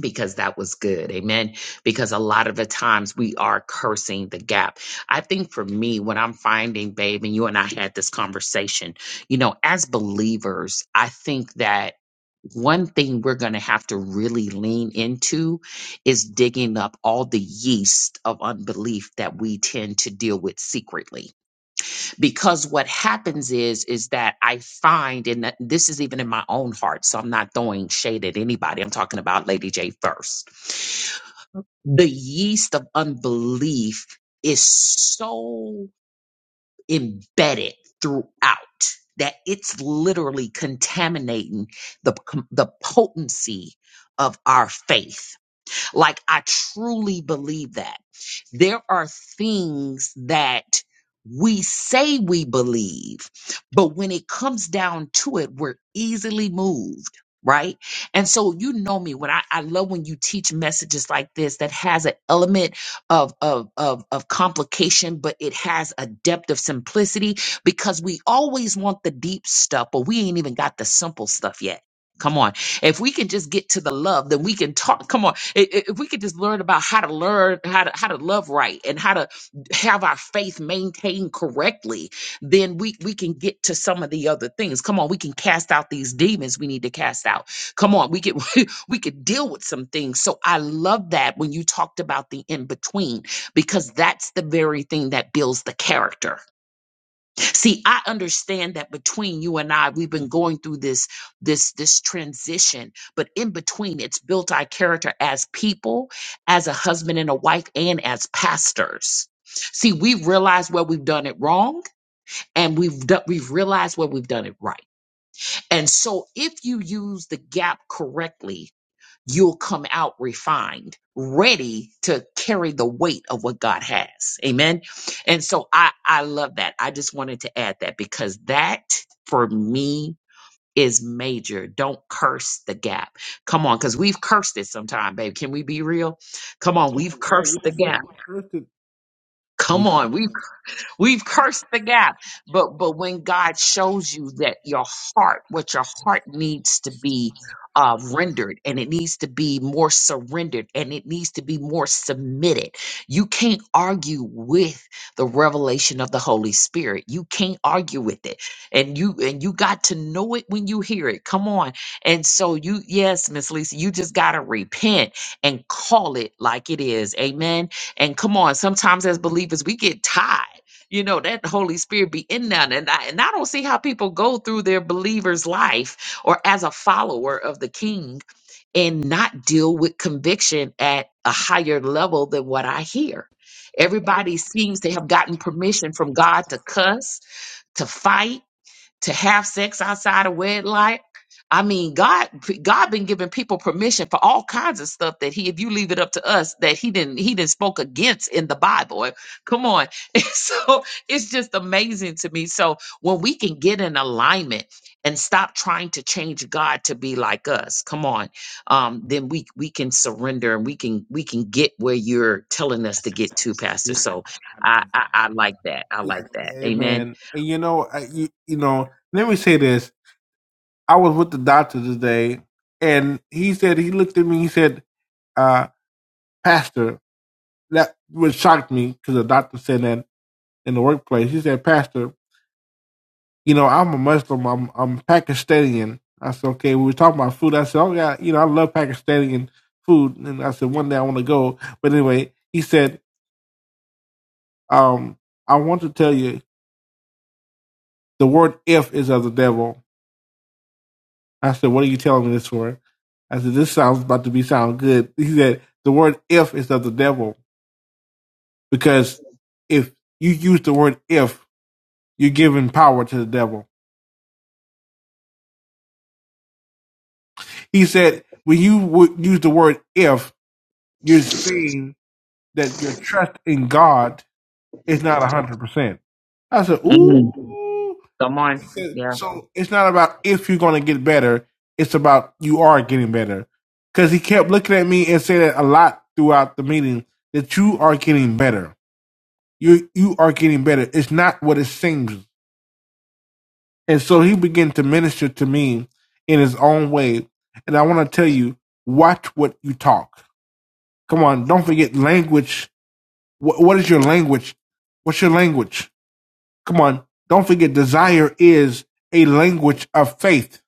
A: because that was good. Amen. Because a lot of the times we are cursing the gap. I think for me, what I'm finding, babe, and you and I had this conversation, you know, as believers, I think that one thing we're going to have to really lean into is digging up all the yeast of unbelief that we tend to deal with secretly because what happens is is that i find and that this is even in my own heart so i'm not throwing shade at anybody i'm talking about lady j first the yeast of unbelief is so embedded throughout that it's literally contaminating the the potency of our faith like I truly believe that. There are things that we say we believe, but when it comes down to it, we're easily moved. Right. And so, you know me when I, I love when you teach messages like this that has an element of, of, of, of complication, but it has a depth of simplicity because we always want the deep stuff, but we ain't even got the simple stuff yet. Come on. If we can just get to the love, then we can talk. Come on, I- I- if we could just learn about how to learn how to how to love right and how to have our faith maintained correctly, then we we can get to some of the other things. Come on, we can cast out these demons we need to cast out. Come on, we can we could deal with some things. So I love that when you talked about the in between because that's the very thing that builds the character. See, I understand that between you and I, we've been going through this this this transition, but in between, it's built our character as people, as a husband and a wife, and as pastors. See, we've realized where we've done it wrong, and we've done, we've realized where we've done it right. And so, if you use the gap correctly, you'll come out refined, ready to carry the weight of what God has. Amen. And so I, I love that. I just wanted to add that because that for me is major. Don't curse the gap. Come on, because we've cursed it sometime, babe. Can we be real? Come on, we've
B: Yeah,
A: cursed
B: yeah,
A: the
B: yeah.
A: gap.
B: We cursed it. We,
A: Come
B: cursed
A: on, we
B: it.
A: We've cursed the gap. But but when God shows you that your heart, what your heart needs to be uh, rendered and it needs to be more surrendered and it needs to be more submitted. You can't argue with the revelation of the Holy Spirit. You can't argue with it. And you and you got to know it when you hear it. Come on. And so you yes, Miss Lisa, you just got to repent and call it like it is. Amen. And come on, sometimes as believers we get tired you know that holy spirit be in them and I, and I don't see how people go through their believer's life or as a follower of the king and not deal with conviction at a higher level than what i hear everybody seems to have gotten permission from god to cuss to fight to have sex outside of wedlock. I mean, God, God been giving people permission for all kinds of stuff that He, if you leave it up to us, that He didn't, He didn't spoke against in the Bible. Come on, And so it's just amazing to me. So when we can get in alignment and stop trying to change God to be like us, come on, um, then we we can surrender and we can we can get where you're telling us to get to, Pastor.
B: yeah,
A: So I I, I like that. I
B: yeah,
A: like that. Amen.
B: amen. And you know, I, you, you know, let me say this. I was with the doctor today, and he said, he looked at me, he said, uh, Pastor, that would shocked me because the doctor said that in the workplace. He said, Pastor, you know, I'm a Muslim. I'm I'm Pakistani. I said, okay, we were talking about food. I said, oh yeah, you know, I love Pakistani food. And I said, one day I want to go. But anyway, he said, um, I want to tell you the word if is of the devil. I said, what are you telling me this for? I said, this sounds about to be sound good. He said, the word if is of the devil because if you use the word if, you're giving power to the devil. He said, when you w- use the word if, you're saying that your trust in God is not one hundred percent. I said, ooh.
A: Come on. Yeah.
B: So it's not about if you're going to get better. It's about you are getting better. Because he kept looking at me and said that a lot throughout the meeting that you are getting better. You you are getting better. It's not what it seems. And so he began to minister to me in his own way. And I want to tell you, watch what you talk. Come on, don't forget language. What, what is your language? What's your language? Come on. Don't forget, desire is a language of faith.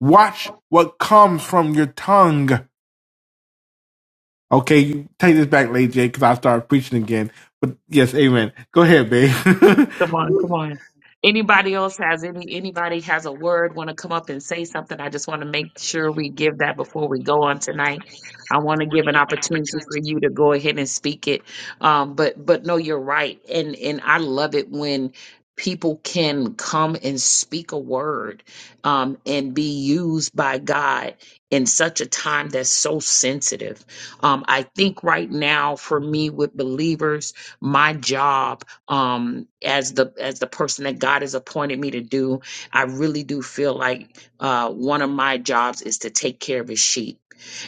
B: Watch what comes from your tongue. Okay, you take this back, Lady J, because I'll start preaching again. But yes, amen. Go ahead, babe.
A: Come on. Come on. Anybody else has any anybody has a word, want to come up and say something? I just want to make sure we give that before we go on tonight. I want to give an opportunity for you to go ahead and speak it. Um, but but no, you're right. And and I love it when people can come and speak a word um and be used by God in such a time that's so sensitive. Um, I think right now for me with believers, my job. um as the as the person that God has appointed me to do. I really do feel like uh one of my jobs is to take care of his sheep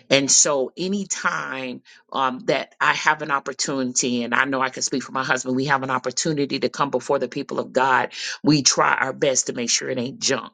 A: and so anytime um, that I have an opportunity, and I know I can speak for my husband, we have an opportunity to come before the people of God, we try our best to make sure it ain't junk.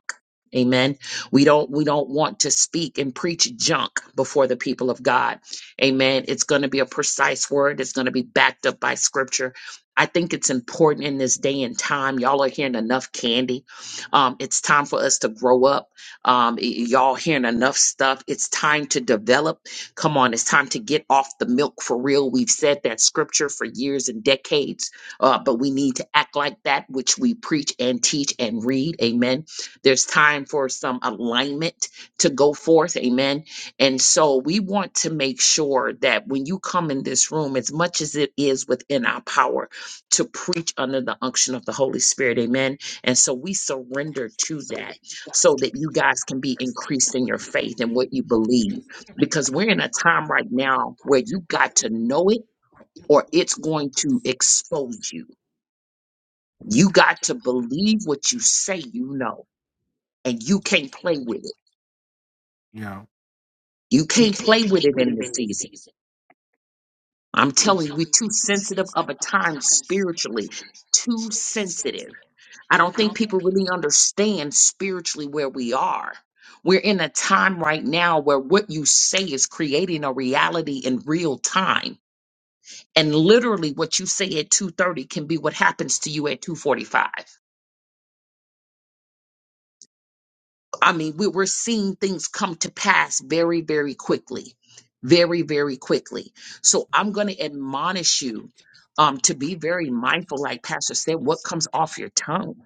A: Amen. We don't we don't want to speak and preach junk before the people of God. Amen. It's going to be a precise word. It's going to be backed up by scripture. I think it's important in this day and time. Y'all are hearing enough candy. Um, it's time for us to grow up um, y- y'all hearing enough stuff. It's time to develop. Come on, it's time to get off the milk for real. We've said that scripture for years and decades, uh, but we need to act like that which we preach and teach and read. Amen. There's time for some alignment to go forth. Amen. And so we want to make sure that when you come in this room, as much as it is within our power to preach under the unction of the Holy Spirit, amen. And so we surrender to that so that you guys can be increased in your faith and what you believe. Because we're in a time right now where you got to know it or it's going to expose you. You got to believe what you say you know, and you can't play with it.
B: yeah.
A: You can't play with it in this season. I'm telling you, we're too sensitive of a time spiritually, too sensitive. I don't think people really understand spiritually where we are. We're in a time right now where what you say is creating a reality in real time. And literally what you say at 2:30 can be what happens to you at 2:45. I mean, we, we're seeing things come to pass very very quickly. Very very quickly. So I'm going to admonish you um, to be very mindful like pastor said what comes off your tongue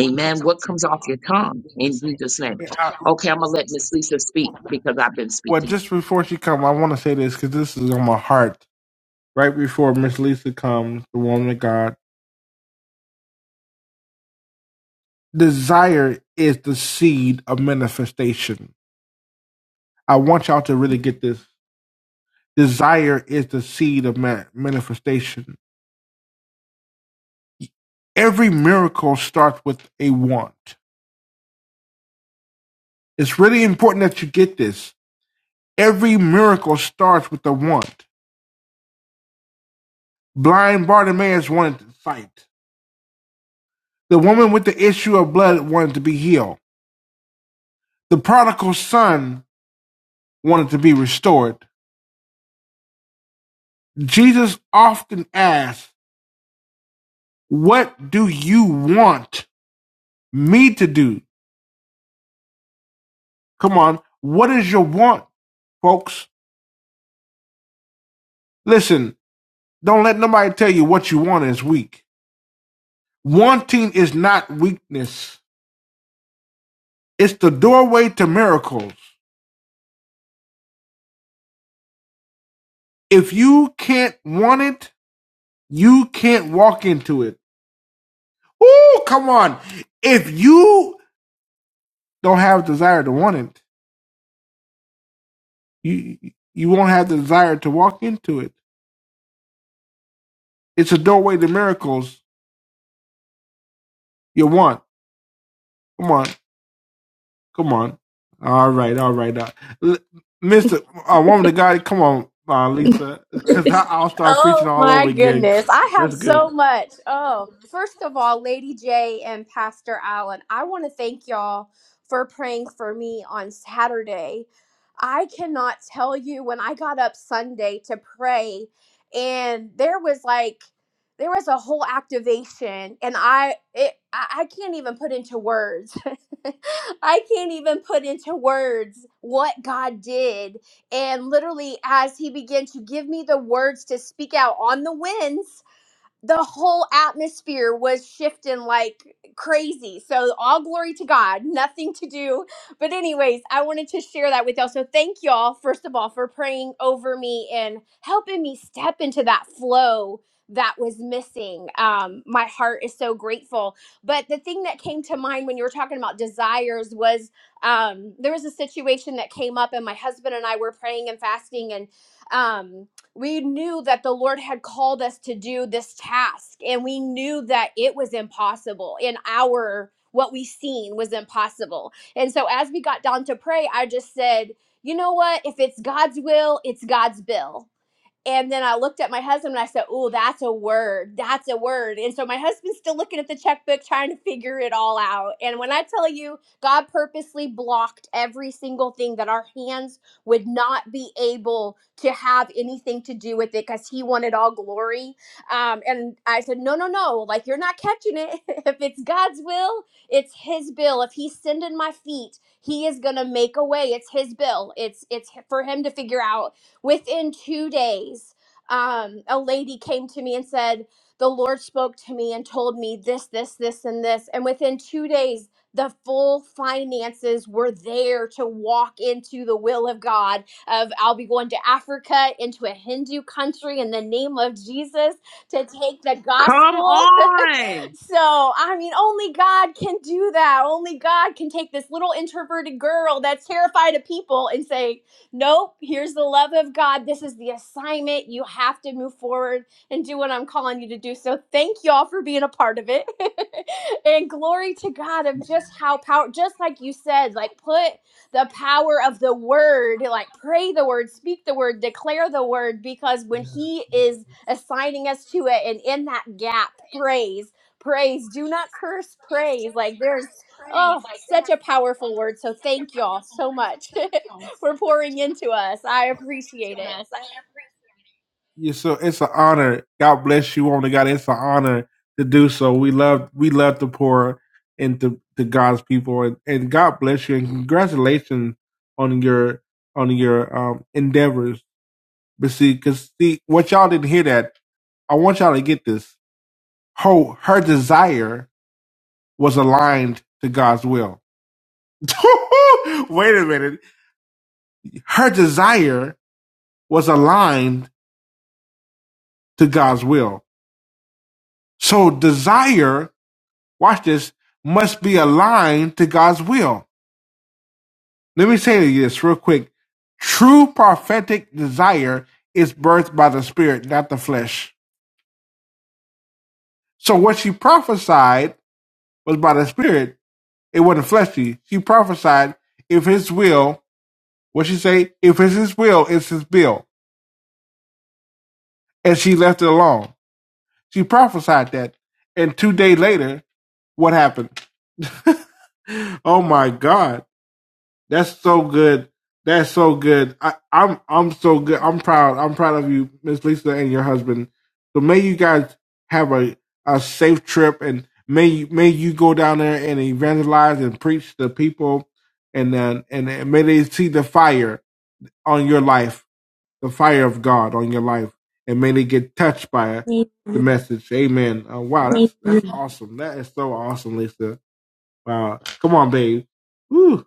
A: Amen. What comes off your tongue in Jesus' name? Okay, I'm gonna let Miss Lisa speak because I've been
B: Well,
A: speaking.
B: just before she comes, I want to say this because this is on my heart. Right before Miss Lisa comes, the woman of God, desire is the seed of manifestation. I want y'all to really get this. Desire is the seed of ma- manifestation Every miracle starts with a want. It's really important that you get this. Every miracle starts with a want. Blind Bartimaeus wanted to sight. The woman with the issue of blood wanted to be healed. The prodigal son wanted to be restored. Jesus often asks, What do you want me to do? Come on, what is your want, folks? Listen, don't let nobody tell you what you want is weak. Wanting is not weakness, it's the doorway to miracles. If you can't want it, you can't walk into it. Oh, come on. If you don't have desire to want it, you you won't have the desire to walk into it. It's a doorway to miracles you want. Come on. Come on. All right. All right. Uh, l- Mr. Uh, woman of God, come on, uh, Lisa, because I'll start preaching
C: Oh
B: all over
C: my
B: again.
C: goodness. I
B: That's
C: have
B: good.
C: so much. Oh, first of all, Lady J and Pastor Allen, I want to thank y'all for praying for me on Saturday. I cannot tell you when I got up Sunday to pray, and there was like, there was a whole activation, and I, it, I I can't even put into words. I can't even put into words what God did and literally, as he began to give me the words to speak out on the winds, the whole atmosphere was shifting like crazy. So all glory to God, nothing to do. But anyways, I wanted to share that with y'all. So thank y'all first of all for praying over me and helping me step into that flow that was missing. Um my heart is so grateful. But the thing that came to mind when you were talking about desires was um there was a situation that came up and my husband and I were praying and fasting and um we knew that the Lord had called us to do this task, and we knew that it was impossible in our what we seen was impossible. And so as we got down to pray, I just said, you know what? If it's God's will, it's God's bill. And then I looked at my husband and I said, Oh, that's a word. That's a word. And so my husband's still looking at the checkbook, trying to figure it all out. And when I tell you, God purposely blocked every single thing that our hands would not be able to have anything to do with it because He wanted all glory. Um, and I said, No, no, no. Like, you're not catching it. if it's God's will, it's His bill. If He's sending my feet, He is going to make a way. It's His bill. It's, it's for Him to figure out Within two days, um, a lady came to me and said, The Lord spoke to me and told me this, this, this, and this. And within two days, the full finances were there to walk into the will of God of I'll be going to Africa into a Hindu country in the name of Jesus to take the
A: Come
C: gospel
A: on.
C: so I mean, only God can do that. Only God can take this little introverted girl that's terrified of people and say, "Nope, here's the love of God. This is the assignment. You have to move forward and do what I'm calling you to do." So thank y'all for being a part of it, and glory to God of just how power. Just like you said, like put the power of the word, like pray the word, speak the word, declare the word, because when He is assigning us to it, and in that gap, praise praise. Do not curse praise. Like there's oh such a powerful word. So thank y'all so much for pouring into us. I appreciate
B: Yes, so it's an honor. God bless you, woman of God. It's an honor to do so. We love we love to pour into to God's people, and, and God bless you, and congratulations on your on your um endeavors. But see, because see what y'all didn't hear that. I want y'all to get this. Her her desire was aligned to God's will. Wait a minute. Her desire was aligned to God's will. So desire watch this, must be aligned to God's will. Let me say this real quick. True prophetic desire is birthed by the spirit, not the flesh. So what she prophesied was by the spirit. It wasn't fleshy. She prophesied if his will, what she say? If it's his will, it's his bill. And she left it alone. She prophesied that. And two days later, what happened? Oh my God. That's so good. That's so good. I, I'm I'm so good. I'm proud. I'm proud of you, Miss Lisa, and your husband. So may you guys have a, a safe trip, and may you, may you go down there and evangelize and preach to people, and then and and may they see the fire on your life, the fire of God on your life, and may they get touched by
C: it.
B: the message. Amen. Uh, wow, that's that's awesome. That is so awesome, Lisa. Wow, come on, babe. Woo.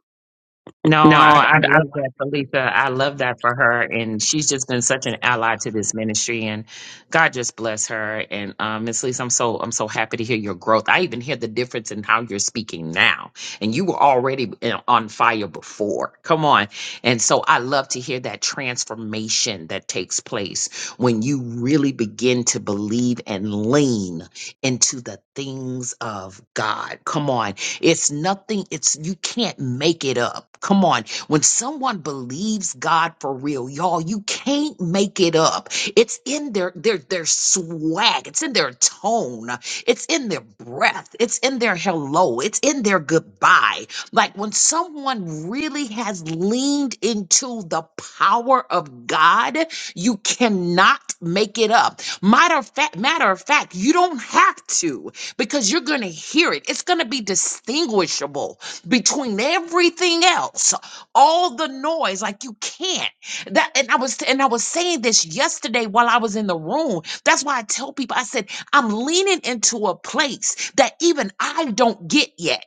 A: No, I, I love that for Lisa. I love that for her. And she's just been such an ally to this ministry. And God just bless her. And um, Miss Lisa, I'm so I'm so happy to hear your growth. I even hear the difference in how you're speaking now. And you were already in- on fire before. Come on. And so I love to hear that transformation that takes place when you really begin to believe and lean into the things of God. Come on it's nothing, it's you can't make it up. Come on. When someone believes God for real, y'all, you can't make it up. It's in their their their swag, it's in their tone, it's in their breath, it's in their hello, it's in their goodbye. Like when someone really has leaned into the power of God, you cannot make it up. Matter of fact, matter of fact, you don't have to because you're going to hear it. It's going to be distinguishable between everything else, all the noise. Like you can't. That and I was and I was saying this yesterday while I was in the room. That's why I tell people I said I'm leaning into a place that even I don't get yet.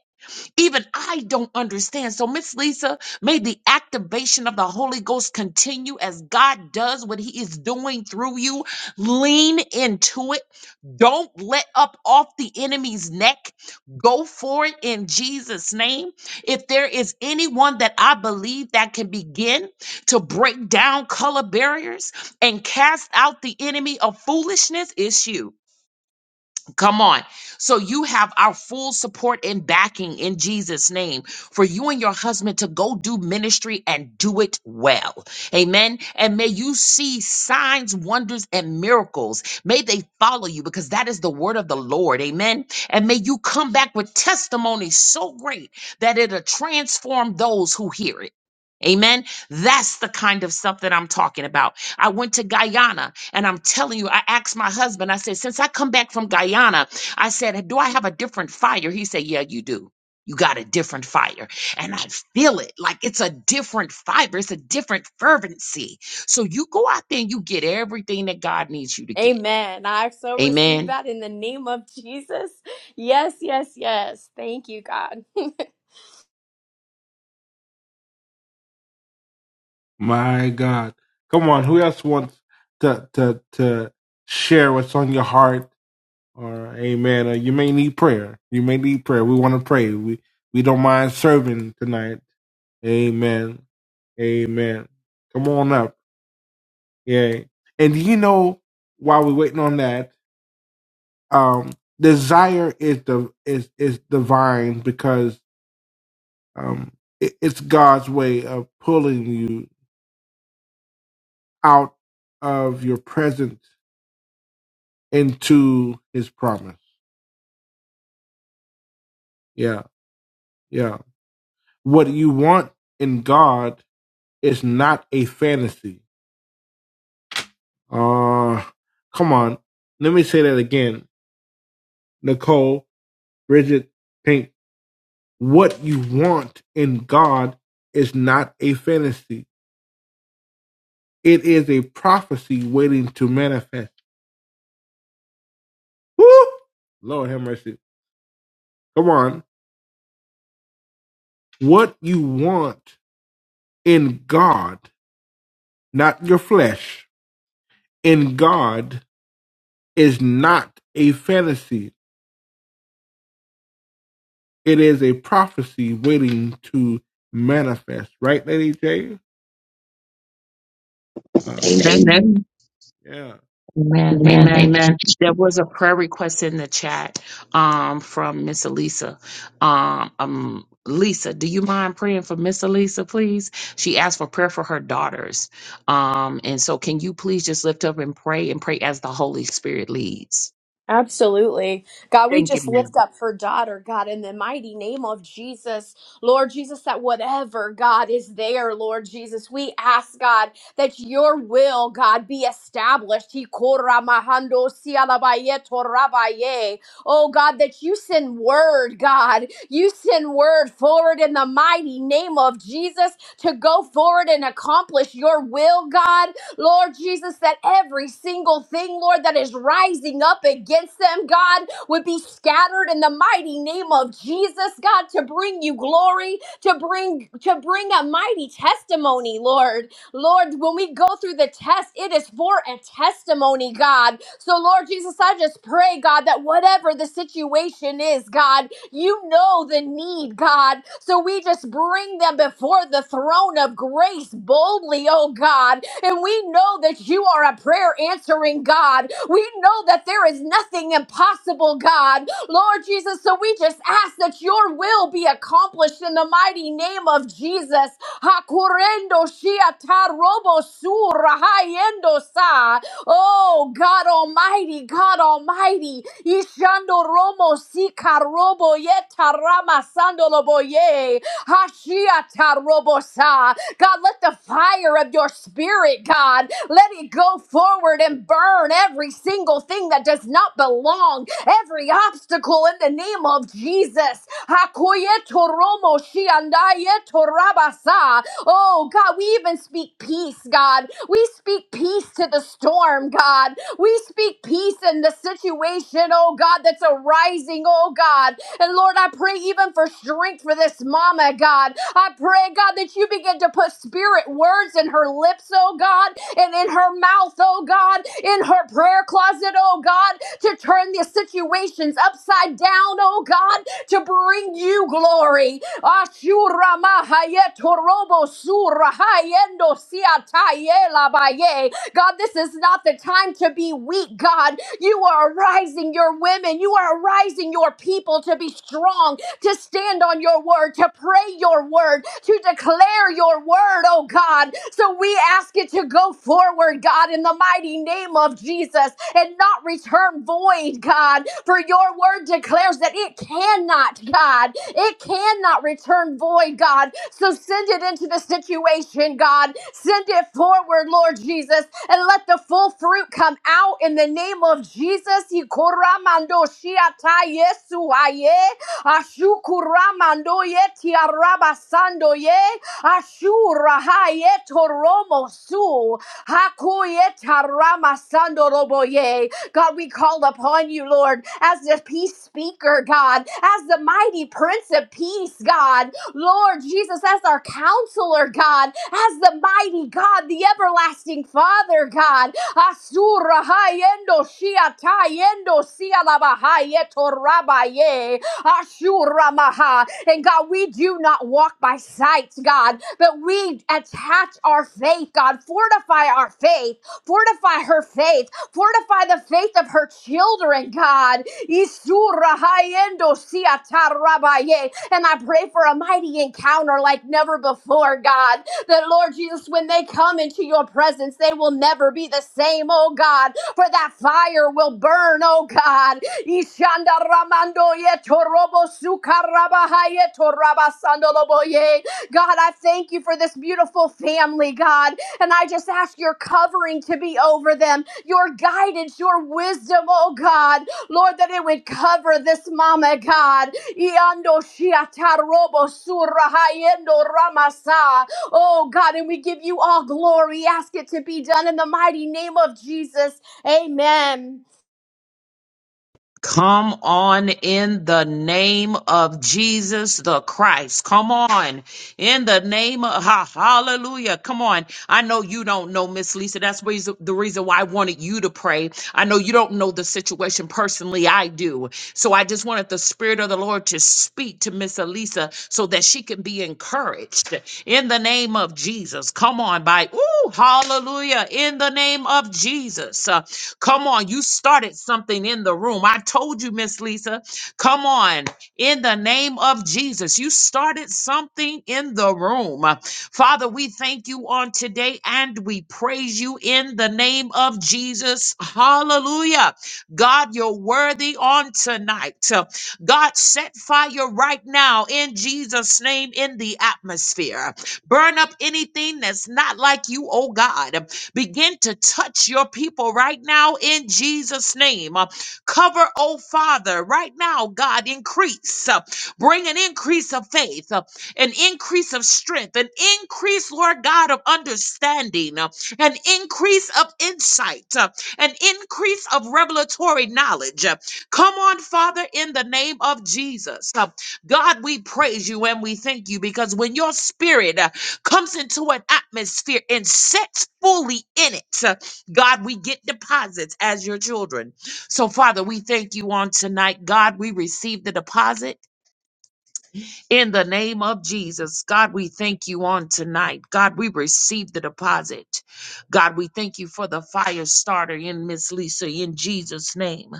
A: Even I don't understand. So, Miss Lisa, may the activation of the Holy Ghost continue as God does what He is doing through you. Lean into it. Don't let up off the enemy's neck. Go for it in Jesus' name. If there is anyone that I believe that can begin to break down color barriers and cast out the enemy of foolishness, it's you. Come on. So you have our full support and backing in Jesus' name for you and your husband to go do ministry and do it well. Amen. And may you see signs, wonders, and miracles. May they follow you because that is the word of the Lord. Amen. And may you come back with testimony so great that it'll transform those who hear it. Amen. That's the kind of stuff that I'm talking about. I went to Guyana and I'm telling you, I asked my husband, I said, since I come back from Guyana, I said, do I have a different fire? He said, yeah, you do. You got a different fire. And I feel it like it's a different fiber, it's a different fervency. So you go out there and you get everything that God needs you to get.
C: Amen. I so receive
A: Amen.
C: that in the name of Jesus. Yes, yes, yes. Thank you, God.
B: My God. Come on, who else wants to to to share what's on your heart or amen or you may need prayer. You may need prayer. We want to pray. We we don't mind serving tonight. Amen. Amen. Come on up. Yeah. And you know, while we're waiting on that, um, desire is the is is divine because um it, it's God's way of pulling you out of your present into his promise. Yeah, yeah. What you want in God is not a fantasy. Uh come on. Let me say that again. Nicole, Bridget, Pink. What you want in God is not a fantasy. It is a prophecy waiting to manifest. Woo! Lord have mercy. Come on. What you want in God, not your flesh, in God is not a fantasy. It is a prophecy waiting to manifest. Right, Lady J? Uh,
A: Amen.
B: yeah.
A: Amen. Amen. There was a prayer request in the chat um, from Miss Elisa. Um, um, Lisa, do you mind praying for Miss Elisa, please? She asked for prayer for her daughters. Um, and so, can you please just lift up and pray and pray as the Holy Spirit leads?
C: Absolutely. God, we
A: Thank you,
C: just
A: ma'am.
C: lift up her daughter, God, in the mighty name of Jesus. Lord Jesus, that whatever, God, is there, Lord Jesus, we ask, God, that your will, God, be established. He korra mahando sialabaye torabaye. Oh, God, that you send word, God, you send word forward in the mighty name of Jesus to go forward and accomplish your will, God. Lord Jesus, that every single thing, Lord, that is rising up against them, God, would be scattered in the mighty name of Jesus, God, to bring you glory, to bring to bring a mighty testimony, Lord. Lord, when we go through the test, it is for a testimony, God. So, Lord Jesus, I just pray, God, that whatever the situation is, God, you know the need, God. So we just bring them before the throne of grace boldly, oh God, and we know that you are a prayer answering God. We know that there is nothing impossible, God. Lord Jesus, so we just ask that your will be accomplished in the mighty name of Jesus. Hakurendo shia tarobo sura hayendo sa. Oh, God Almighty, God Almighty. Ishando romo si karobo ye tarama sando lobo ye. Hashia tarobo sa. God, let the fire of your spirit, God, let it go forward and burn every single thing that does not belong, every obstacle in the name of Jesus. Hakoyetoromo shiandayetorabasa. Oh, God, we even speak peace, God. We speak peace to the storm, God. We speak peace in the situation, oh God, that's arising, oh God. And Lord, I pray even for strength for this mama, God. I pray, God, that you begin to put spirit words in her lips, oh God, and in her mouth, oh God, in her prayer closet, oh God, to turn the situations upside down, oh God, to bring you glory. Ashura mahayeturobo surahayendo siatayelabaye. God, this is not the time to be weak, God. You are arising your women. You are arising your people to be strong to stand on your word, to pray your word, to declare your word, oh God. So we ask it to go forward, God, in the mighty name of Jesus and not return void, God. For your word declares that it cannot, God, it cannot return void, God. So send it into the situation, God. Send it forward, Lord Jesus, and let the full fruit come out in the name of Jesus. Yikoramandoshiatayesuaye. Ashukuramando yeti arabasando ye. Ashura hayeto romo su. Hakuyeta ramasando robo ye. God, we call upon you, Lord, as the peace speaker, God, as the mighty prince of peace, God. Lord Jesus, as our counselor, God, as the mighty God, the everlasting Father, God. Asura hayendo shia tayendo sia labahayeto rabaye. Ashuramaha. And God, we do not walk by sight, God, but we attach our faith, God. Fortify our faith. Fortify her faith. Fortify the faith of her children, God. Isurahayendo siatarabaye. And I pray for a mighty encounter like never before, God. That, Lord Jesus, when they come into your presence, they will never be the same, oh God. For that fire will burn, oh God. Ishanda Ramando Yeto Robo Sukarabaha Yeto Rabasandoloboye. God, I thank you for this beautiful family, God. And I just ask your covering to be over them, your guidance, your wisdom, oh God. Lord, that it would cover this mama, God. Iando shiata robo surahayendo ramasa. Oh God, and we give you all glory. Ask it to be done in the mighty name of Jesus. Amen.
A: Come on in the name of Jesus the Christ. Come on in the name of ha- hallelujah. Come on. I know you don't know Miss Lisa. That's reason, the reason why I wanted you to pray. I know you don't know the situation personally. I do. So I just wanted the spirit of the Lord to speak to Miss Elisa so that she can be encouraged in the name of Jesus. Come on by. Ooh, hallelujah. In the name of Jesus. Uh, Come on, you started something in the room. I told you, Miss Lisa. Come on, in the name of Jesus, you started something in the room. Father, we thank you on today and we praise you in the name of Jesus. Hallelujah. God, you're worthy on tonight. God, set fire right now in Jesus' name in the atmosphere. Burn up anything that's not like you, oh God. Begin to touch your people right now in Jesus' name. Uh, Cover, oh Father, right now, God, increase. uh, Bring an increase of faith, uh, an increase of strength, an increase, Lord God, of understanding, uh, an increase of insight, uh, an increase of revelatory knowledge. Uh, Come on, Father, in the name of Jesus. Uh, God, we praise you and we thank you because when your spirit uh, comes into an atmosphere and sets fully in it. Uh, God, we get deposits as your children. So, Father, we thank you on tonight. God, we receive the deposit. In the name of Jesus, God, we thank you on tonight. God, we receive the deposit. God, we thank you for the fire starter in Miss Lisa in Jesus' name.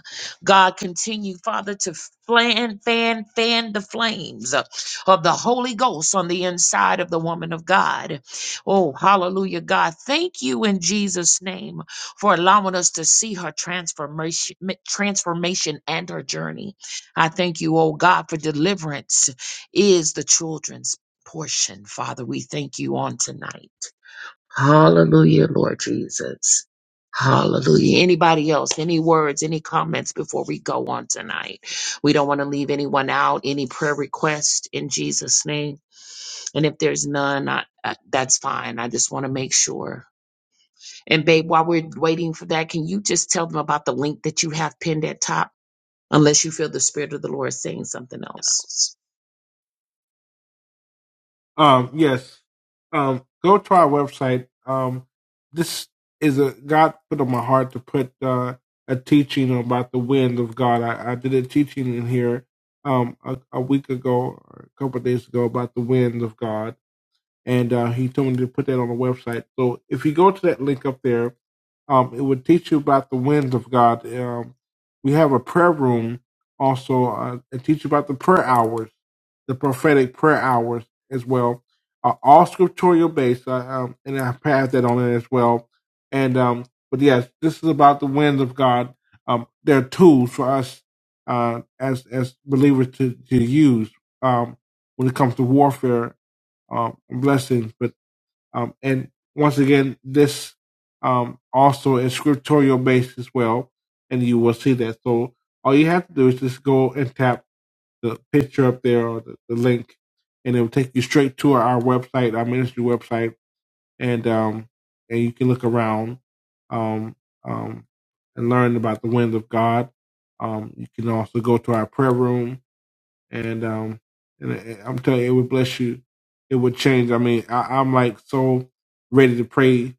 A: God, continue, Father, to fan, fan, fan the flames of the Holy Ghost on the inside of the woman of God. Oh, hallelujah, God. Thank you in Jesus' name for allowing us to see her transformation, transformation and her journey. I thank you, oh God, for deliverance is the children's portion. Father, we thank you on tonight. Hallelujah, Lord Jesus. Hallelujah. Anybody else? Any words, any comments before we go on tonight? We don't want to leave anyone out. Any prayer request in Jesus' name? And if there's none, I, I, that's fine. I just want to make sure. And babe, while we're waiting for that, can you just tell them about the link that you have pinned at top? unless you feel the Spirit of the Lord saying something else.
B: Um, yes. Um, go to our website. Um, this is a God put on my heart to put uh, a teaching about the wind of God. I, I did a teaching in here um, a, a week ago, or a couple of days ago, about the wind of God. And uh, he told me to put that on the website. So if you go to that link up there, Um, it would teach you about the winds of God. Um, we have a prayer room also. Uh, it teach you about the prayer hours, the prophetic prayer hours as well. Uh, all scriptural based, uh, um, and I passed that on it as well. And um, but yes, this is about the winds of God. Um, they're tools for us uh, as as believers to to use um, when it comes to warfare um, blessings. but. Um, and once again, this um, also is scriptorial based as well, and you will see that. So all you have to do is just go and tap the picture up there or the, the link, and it will take you straight to our website, our ministry website, and um, and you can look around um, um, and learn about the wind of God. Um, you can also go to our prayer room and um and I- am telling you, it would bless you. It would change. I mean, I, I'm like so ready to pray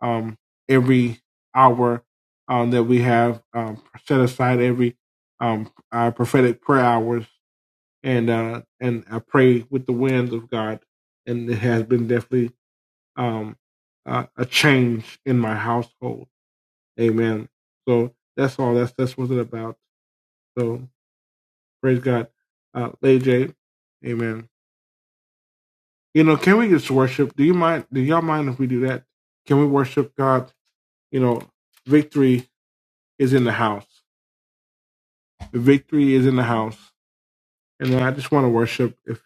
B: um every hour um that we have um set aside every um our prophetic prayer hours and uh and I pray with the wind of God and it has been definitely um uh, a change in my household. Amen. So that's all. That's that's what it about. So praise God, uh, Lady J. Amen. You know, can we just worship? Do you mind? Do y'all mind if we do that? Can we worship God? You know, victory is in the house. The victory is in the house, and I just want to worship. If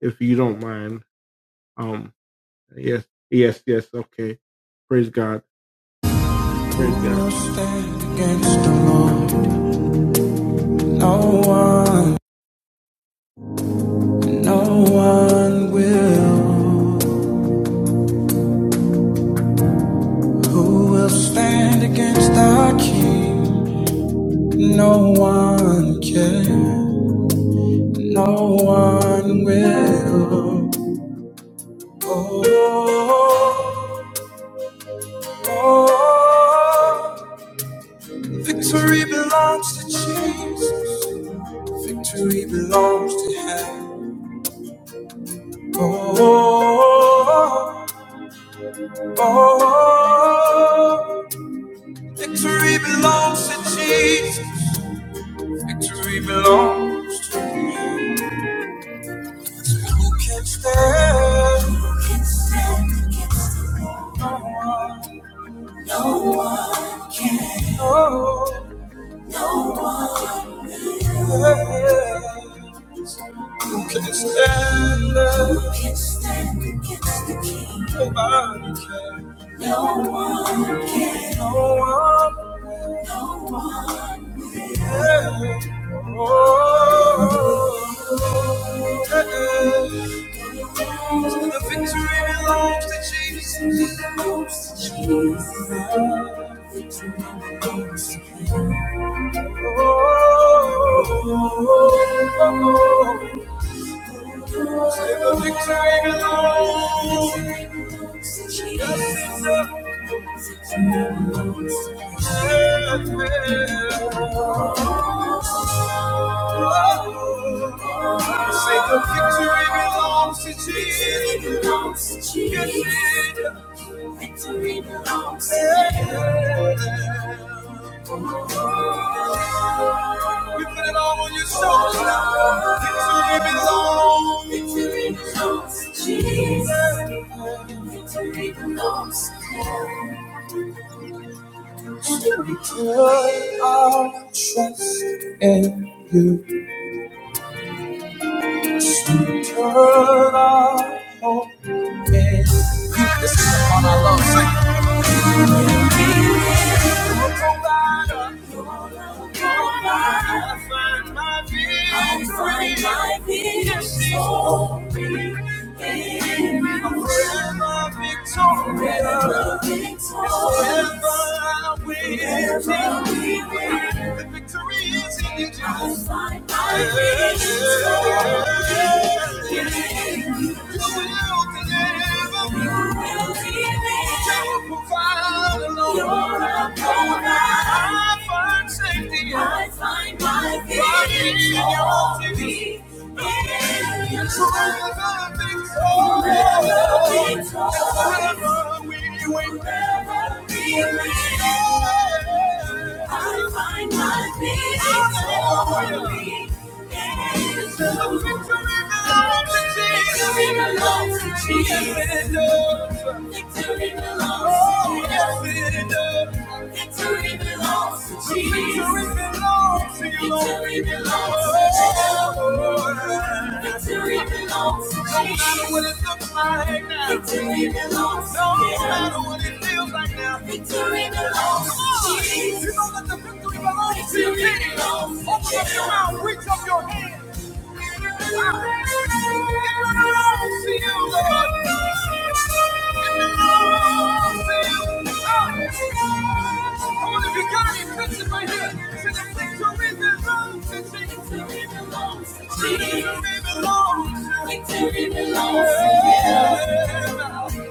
B: if you don't mind, um, yes, yes, yes. Okay, praise God, praise God. No stand against the Lord. No one, no one will. Who will stand against our King? No one can. No one will. Oh, oh, oh. Victory belongs to Jesus. Victory belongs to Him. Oh, oh, oh. Victory belongs to Jesus. Victory belongs to Him. Who can stand. Who can stand against the Lord? No one can. Oh. oh, oh. Who can stand Who can stand against the king? Nobody can. No one can. No one. Oh, yeah. Son of Jesus. Jesus. Victory Say the victory belongs to Jesus. Yeah, yeah. Say the victory belongs to Jesus. Victory belongs to Jesus. We put it all on your shoulders now. Victory belongs. to Jesus. Victory belongs. to Jesus. Put our trust in you. Forever. You're a I find safety. I find my victory in you. Forever victorious. Forever we win. Forever we win. I find my peace only in you. Victory belongs to Jesus. Victory belongs to Jesus. Victory belongs to Jesus. Victory belongs to to you, Lord. Victory belongs to Jesus. Victory belongs to Jesus. No matter what it looks like now. Victory belongs to you. No matter what it feels like now. Victory belongs to Jesus. You know that the victory belongs to you. Open up your mouth, reach up your hand. Victory belongs to Jesus.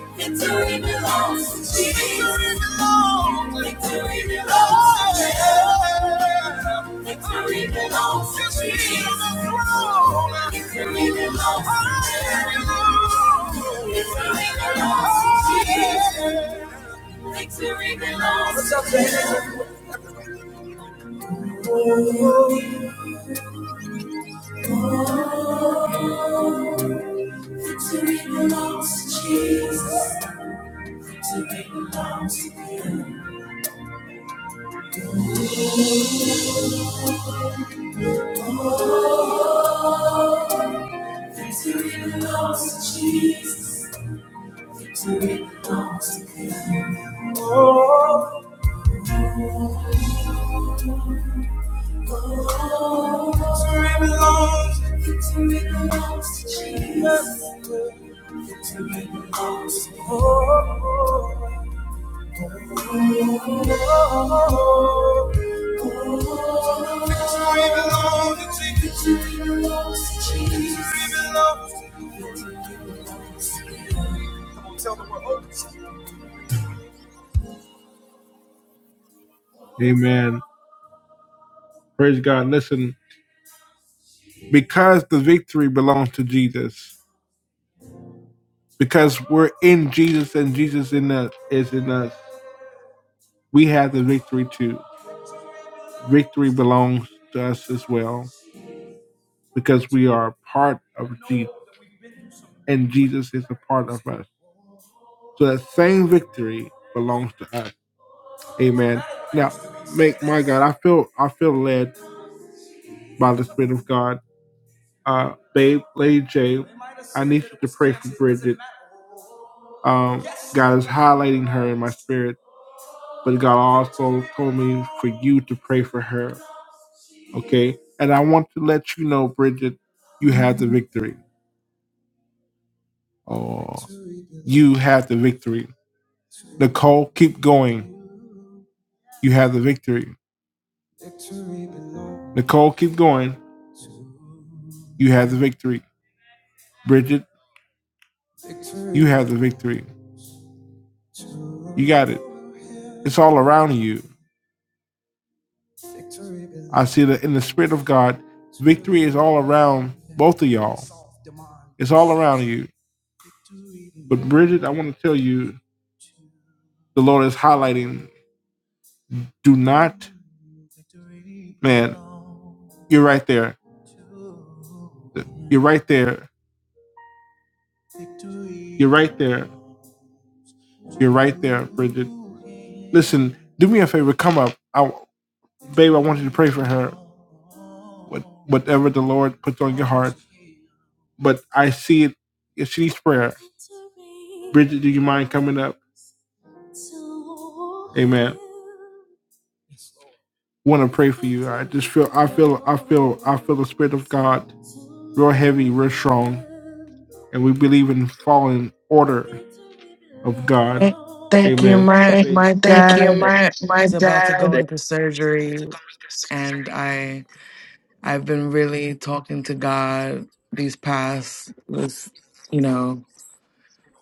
B: Victory belongs to Jesus. Victory belongs to Jesus. Victory belongs to Jesus. Victory belongs to Jesus. Victory belongs to Jesus. Oh, Victory belongs to Jesus. Victory belongs to Him. Oh, Victory belongs to Jesus. Victory belongs to Him. Oh, Victory belongs. Victory belongs to Jesus. Victory belongs to the Lord. Victory belongs to Jesus. Amen. Praise God. Listen, because the victory belongs to Jesus, because we're in Jesus and Jesus in us is in us. we have the victory too. Victory belongs to us as well because we are a part of Jesus and Jesus is a part of us. So that same victory belongs to us. Amen. Now, make my God, I feel I feel led by the Spirit of God. Uh, babe, Lady J, I need you to pray for Bridget. Um, God is highlighting her in my spirit, but God also told me for you to pray for her. Okay. And I want to let you know, Bridget, you have the victory. Oh, you have the victory. Nicole, keep going. You have the victory. Nicole, keep going. You have the victory. Bridget, you have the victory. You got it. It's all around you. I see that in the Spirit of God, victory is all around both of y'all. It's all around you. But Bridget, I want to tell you, the Lord is highlighting do not, man, you're right there. You're right there. You're right there. You're right there, Bridget. Listen, do me a favor. Come up. I, babe, I want you to pray for her. What, whatever the Lord puts on your heart. But I see it. If she needs prayer, Bridget, do you mind coming up? Amen. Want to pray for you. I just feel, I feel, I feel, I feel the Spirit of God real heavy, real strong. And we believe in following order of God.
D: Thank, thank you.
B: Amen.
D: My
B: Thank,
D: my dad is about to go into surgery, and I I've been really talking to God these past this you know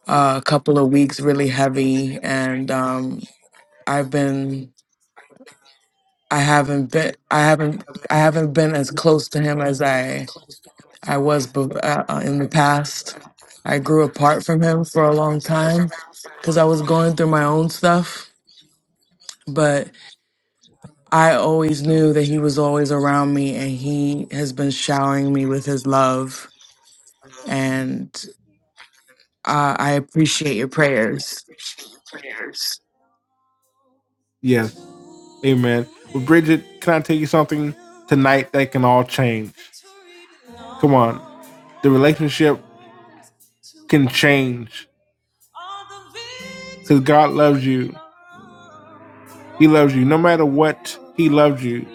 D: a couple of weeks really heavy, and um I've been I haven't been I haven't I haven't been as close to him as I I was bef- uh, uh, in the past. I grew apart from him for a long time because I was going through my own stuff, but. I always knew that he was always around me and he has been showering me with his love. And uh, I appreciate your prayers.
B: Yes. Hey man, with Bridget, can I tell you something tonight that can all change? Come on, the relationship can change because God loves you. He loves you no matter what. He loves you.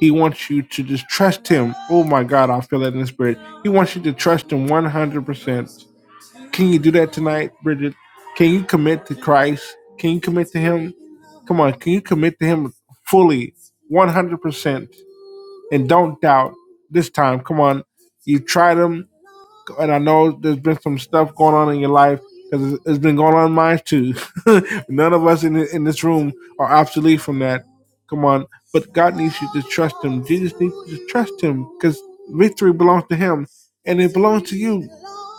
B: He wants you to just trust Him. Oh my God, I feel that in the spirit. He wants you to trust Him one hundred percent. Can you do that tonight, Bridget? Can you commit to Christ? Can you commit to Him? Come on, can you commit to Him fully, one hundred percent? and don't doubt this time. Come on, you tried them, and I know there's been some stuff going on in your life because it's been going on in mine too. None of us in in this room are obsolete from that. Come on, but God needs you to trust Him. Jesus needs you to trust Him because victory belongs to Him, and it belongs to you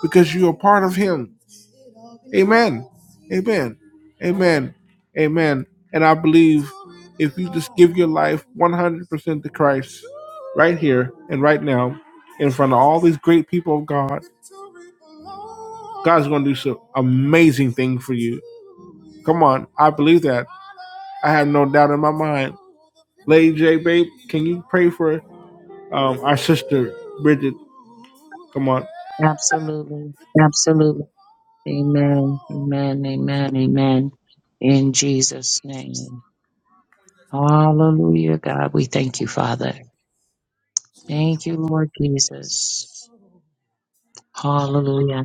B: because you are part of Him. Amen. Amen. Amen. Amen. And I believe if you just give your life 100% to Christ right here and right now in front of all these great people of God, God's going to do some amazing thing for you. Come on. I believe that. I have no doubt in my mind. Lady J, babe, can you pray for um, our sister, Bridget? Come on.
A: Absolutely. Amen. Amen. Amen. Amen. In Jesus' name. Hallelujah, God. We thank you, Father. Thank you, Lord Jesus. Hallelujah.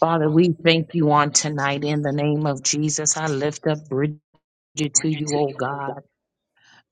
A: Father, we thank you on tonight in the name of Jesus. I lift up Bridget to you, oh God.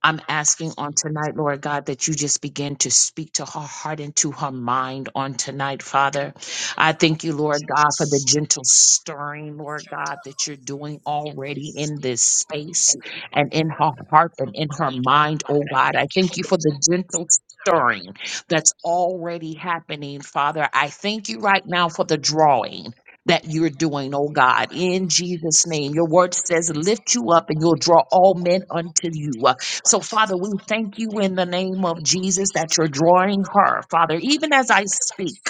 A: I'm asking on tonight, Lord God, that you just begin to speak to her heart and to her mind on tonight, Father. I thank you, Lord God, for the gentle stirring, Lord God, that you're doing already in this space and in her heart and in her mind, oh God. I thank you for the gentle stirring that's already happening, Father. I thank you right now for the drawing. That you're doing, oh God, in Jesus' name. Your word says, lift you up and you'll draw all men unto you. So, Father, we thank you in the name of Jesus that you're drawing her, Father, even as I speak.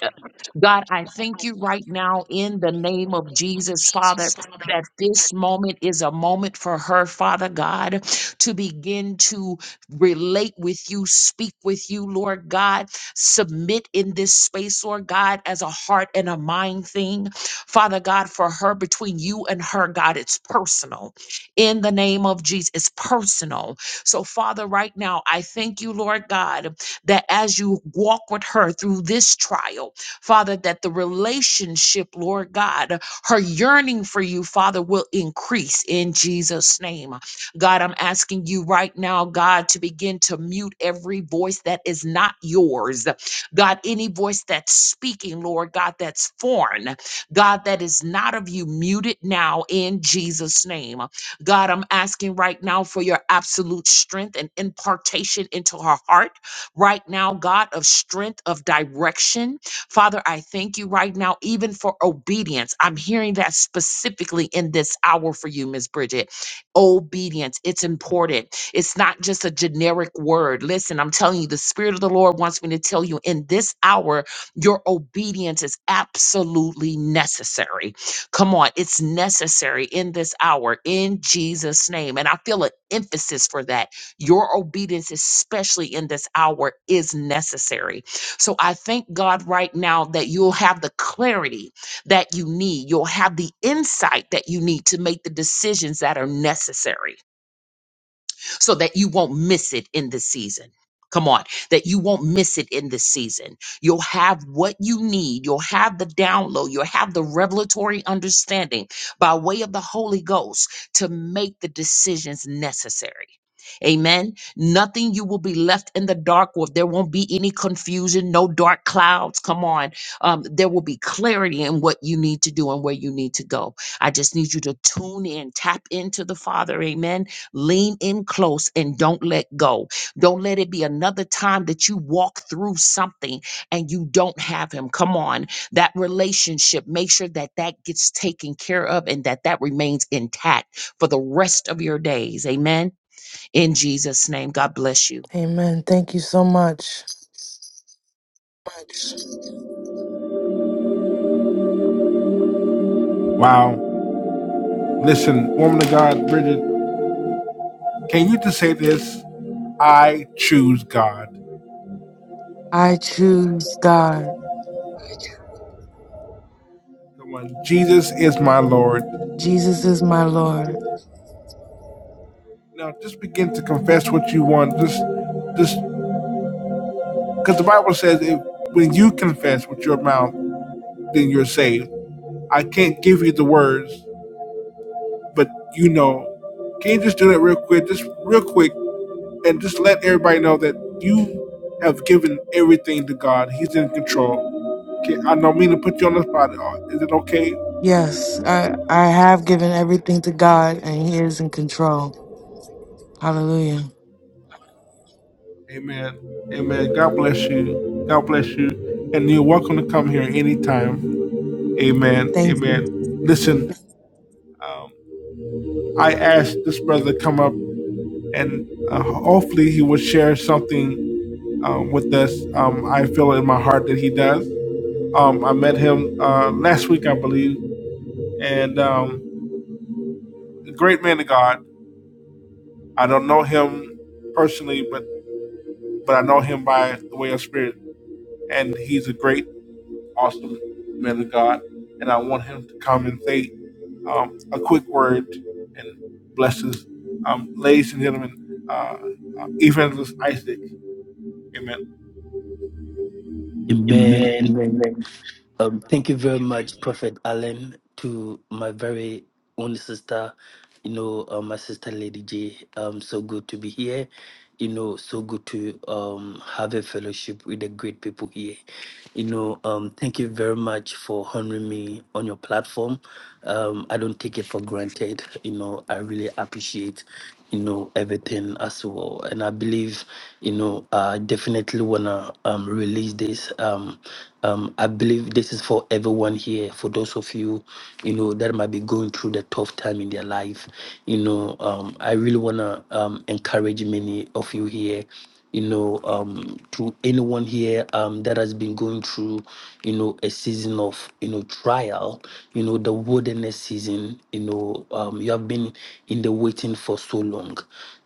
A: God, I thank you right now in the name of Jesus, Father, that this moment is a moment for her, Father God, to begin to relate with you, speak with you, Lord God, submit in this space, Lord God, as a heart and a mind thing. Father God, for her, between you and her, God, it's personal. In the name of Jesus, it's personal so, Father, right now, I thank you, Lord God, that as you walk with her through this trial, Father, that the relationship, Lord God, her yearning for you, Father, will increase in Jesus' name. God, I'm asking you right now, God, to begin to mute every voice that is not yours. God, any voice that's speaking, Lord God, that's foreign, God, that is not of you, mute it now in Jesus' name. God, I'm asking right now for your absolute strength and impartation into her heart. Right now, God, of strength, of direction. Father, I thank you right now, even for obedience. I'm hearing that specifically in this hour for you, Miss Bridget. Obedience, it's important. It's not just a generic word. Listen, I'm telling you, the Spirit of the Lord wants me to tell you in this hour, your obedience is absolutely necessary Come on, it's necessary in this hour in Jesus' name. And I feel an emphasis for that. Your obedience, especially in this hour, is necessary. So I thank God right now that you'll have the clarity that you need, you'll have the insight that you need to make the decisions that are necessary so that you won't miss it in this season. Come on, that you won't miss it in this season. You'll have what you need. You'll have the download. You'll have the revelatory understanding by way of the Holy Ghost to make the decisions necessary. Amen. Nothing you will be left in the dark with. There won't be any confusion, no dark clouds. Come on. Um, there will be clarity in what you need to do and where you need to go. I just need you to tune in, tap into the Father. Amen Lean in close and don't let go. Don't let it be another time that you walk through something and you don't have him. Come on. That relationship, make sure that that gets taken care of and that that remains intact for the rest of your days. Amen. In Jesus' name, God bless you.
D: Amen. Thank you so much.
B: Wow. Listen, woman of God, Bridget, can you just say this? I choose God.
D: I choose God.
B: Come on, Jesus is my Lord.
D: Jesus is my Lord.
B: Now, just begin to confess what you want. Just, just because the Bible says if when you confess with your mouth, then you're saved. I can't give you the words, but you know. Can you just do that real quick? Just real quick, and just let everybody know that you have given everything to God. He's in control. Okay, I don't mean to put you on the spot. Uh, Is it okay?
D: Yes, I, I have given everything to God and he is in control. Hallelujah.
B: Amen. Amen. God bless you. God bless you. And you're welcome to come here anytime. Amen.
D: Thank you.
B: Amen. Listen, um, I asked this brother to come up and uh, hopefully he will share something um, with us. Um, I feel in my heart that he does. Um, I met him uh, last week, I believe, and um, a great man of God. I don't know him personally, but but I know him by the way of spirit, and he's a great awesome man of God, and I want him to come and say um, a quick word and blessings. Um, ladies and gentlemen, uh, uh, Evangelist Isaac, amen.
E: Amen. Amen. Um, thank you very much, Prophet Allen, to my very own sister, you know, uh, my sister Lady J. Um, so good to be here. You know, so good to um, have a fellowship with the great people here. You know, um, thank you very much for honoring me on your platform. Um, I don't take it for granted. You know, I really appreciate, you know, everything as well. And I believe, you know, I definitely wanna um, release this. Um, um, I believe this is for everyone here, for those of you you know, that might be going through the tough time in their life. You know, um, I really want to um, encourage many of you here you know, um, to anyone here um, that has been going through, you know, a season of, you know, trial, you know, the wilderness season, you know, um, you have been in the waiting for so long.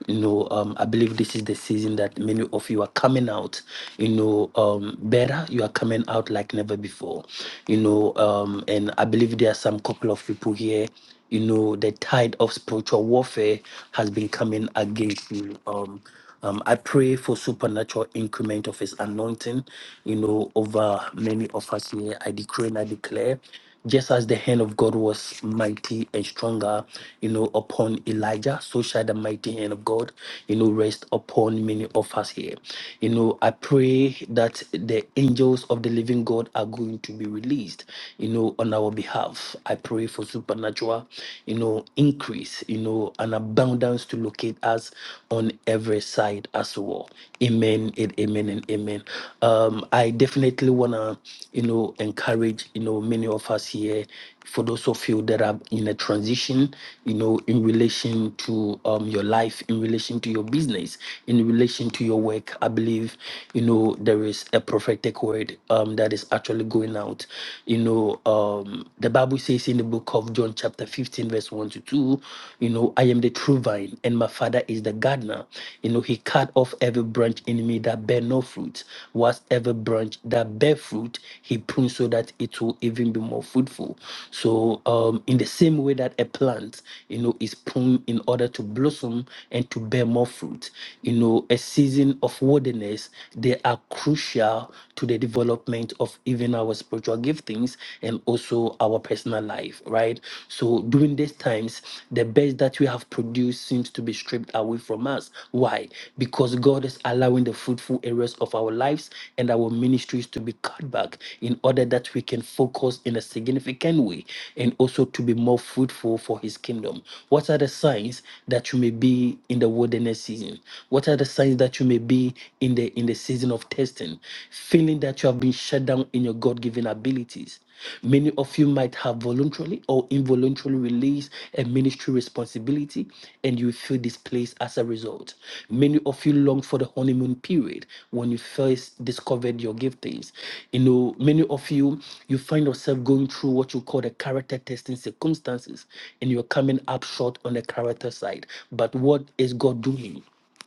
E: You know, um, I believe this is the season that many of you are coming out, you know, um, better. You are coming out like never before you know, um, and I believe there are some couple of people here. You know, the tide of spiritual warfare has been coming against you. Um, um, I pray for supernatural increment of His anointing, you know, over many of us here. I decree and I declare just as the hand of God was mighty and stronger, you know, upon Elijah, so shall the mighty hand of God, you know, rest upon many of us here. You know, I pray that the angels of the living God are going to be released, you know, on our behalf. I pray for supernatural, you know, increase, you know, an abundance to locate us on every side as well. Amen and amen and amen. Um, I definitely wanna, you know, encourage marriage, you know, many of us here, for those of you that are in a transition, you know, in relation to um, your life, in relation to your business, in relation to your work, I believe, you know, there is a prophetic word um, that is actually going out. You know, um, the Bible says in the book of John, chapter 15, verse 1 to 2, you know, I am the true vine and my father is the gardener. You know, he cut off every branch in me that bear no fruit, whilst every branch that bear fruit, he prunes so that it will even be more fruitful. So, um, in the same way that a plant, you know, is pruned in order to blossom and to bear more fruit, you know, a season of wilderness, they are crucial to the development of even our spiritual giftings and also our personal life, right? So, during these times, the best that we have produced seems to be stripped away from us. Why? Because God is allowing the fruitful areas of our lives and our ministry ministries to be cut back in order that we can focus in a significant way and also to be more fruitful for his kingdom. What are the signs that you may be in the wilderness season? What are the signs that you may be in the in the season of testing? Feeling that you have been shut down in your God-given abilities. Many of you might have voluntarily or involuntarily released a ministry responsibility and you feel displaced as a result. Many of you long for the honeymoon period when you first discovered your giftings. You know, many of you, you find yourself going through what you call the character testing circumstances and you're coming up short on the character side. But what is God doing?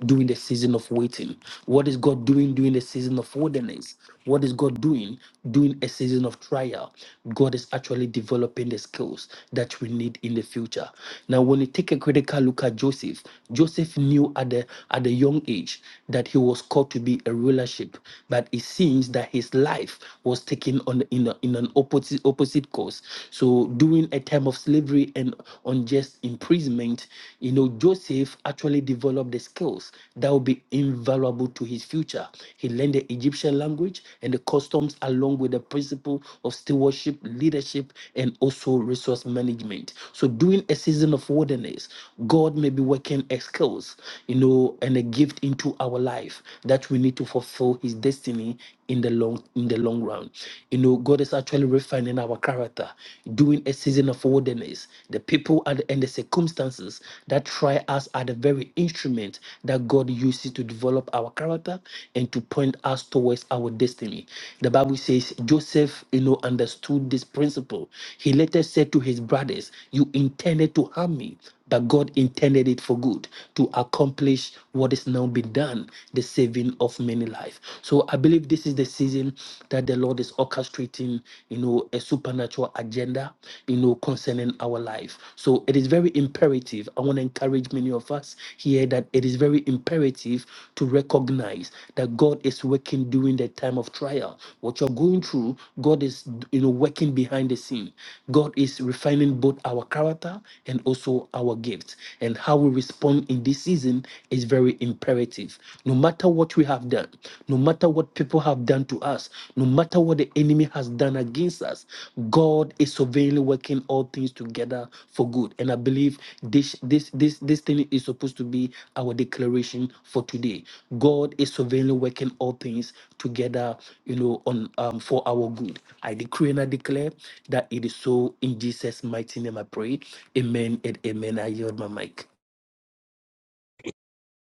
E: during the season of waiting? What is God doing during the season of wilderness? What is God doing during a season of trial? God is actually developing the skills that we need in the future. Now, when you take a critical look at Joseph, Joseph knew at the at a young age that he was called to be a rulership, but it seems that his life was taken on in, a- in an opposite opposite course. So during a time of slavery and unjust imprisonment, you know, Joseph actually developed the skills that will be invaluable to his future. He learned the Egyptian language and the customs, along with the principle of stewardship, leadership, and also resource management. So, during a season of wilderness, God may be working a skills, you know, and a gift into our life that we need to fulfill His destiny in the long in the long run. You know, God is actually refining our character, doing a season of wilderness. The people and, and the circumstances that try us are the very instrument that God uses to develop our character and to point us towards our destiny. The Bible says Joseph, you know, understood this principle. He later said to his brothers, You intended to harm me, but God intended it for good to accomplish what is now been done, the saving of many lives. So I believe this is the season that the Lord is orchestrating, you know, a supernatural agenda, you know, concerning our life. So it is very imperative. I want to encourage many of us here that it is very imperative to recognize that God is working during the time of trial. What you're going through, God is you know working behind the scene. God is refining both our character and also our gifts. And how we respond in this season is very imperative. No matter what we have done, no matter what people have done to us, no matter what the enemy has done against us, God is sovereignly working all things together for good. And I believe this this this this thing is supposed to be our declaration for today. God is sovereignly working all things together, you know, on um for our good. I decree and I declare that it is so in Jesus' mighty name I pray. Amen and amen. I yield my mic.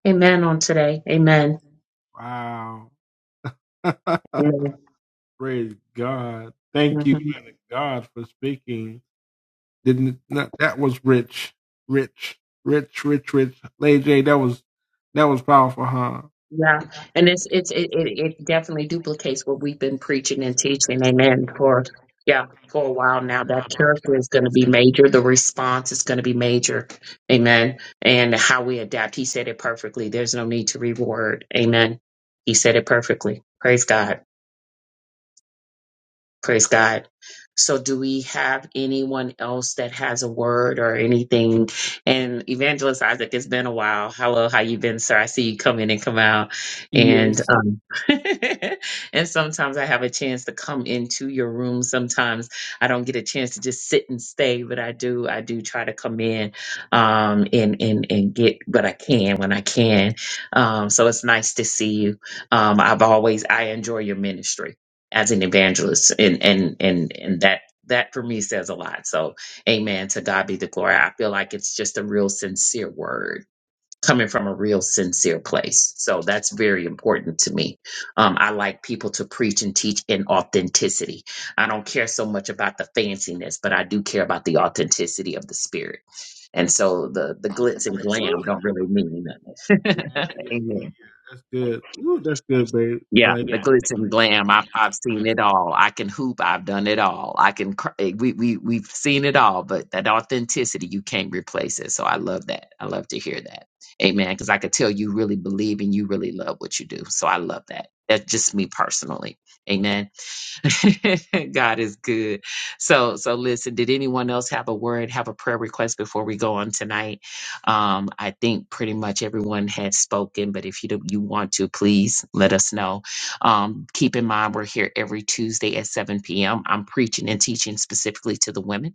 A: Amen on today. Amen.
B: Wow. Praise God. Thank you,
A: Amen.
B: man of God, for speaking. Didn't that, that was rich, rich, rich, rich, rich. Lady J, that was that was powerful, huh?
A: Yeah, and it's it's it, it it definitely duplicates what we've been preaching and teaching. Amen. For yeah, for a while now, that character is going to be major. The response is going to be major. Amen. And how we adapt. He said it perfectly. There's no need to reword. Amen. He said it perfectly. Praise God. Praise God. So, do we have anyone else that has a word or anything? And Evangelist Isaac, it's been a while. Hello, how you been, sir? I see you come in and come out, and
E: Yes.
A: um, and sometimes I have a chance to come into your room. Sometimes I don't get a chance to just sit and stay, but I do. I do try to come in, um, and and and get what I can when I can. Um, so it's nice to see you. Um, I've always I enjoy your ministry as an evangelist and and and and that that for me says a lot so amen to god be the glory i feel like it's just a real sincere word coming from a real sincere place so that's very important to me um, i like people to preach and teach in authenticity i don't care so much about the fanciness but i do care about the authenticity of the spirit and so the the glitz and glam don't really mean nothing
B: Yeah, yeah,
A: Amen.
B: yeah. That's good. Ooh, that's good, babe. I
A: Yeah,
B: like
A: the glitz and glam. I've I've seen it all. I can hoop. I've done it all. I can. cr- eh, We we we've seen it all. But that authenticity, you can't replace it. So I love that. I love to hear that. Amen. Because I could tell you really believe and you really love what you do. So I love that. That's just me personally. Amen. God is good. So, so listen, did anyone else have a word, have a prayer request before we go on tonight? Um, I think pretty much everyone had spoken, but if you do, you want to, please let us know. Um, keep in mind, we're here every Tuesday at 7 p.m. I'm preaching and teaching specifically to the women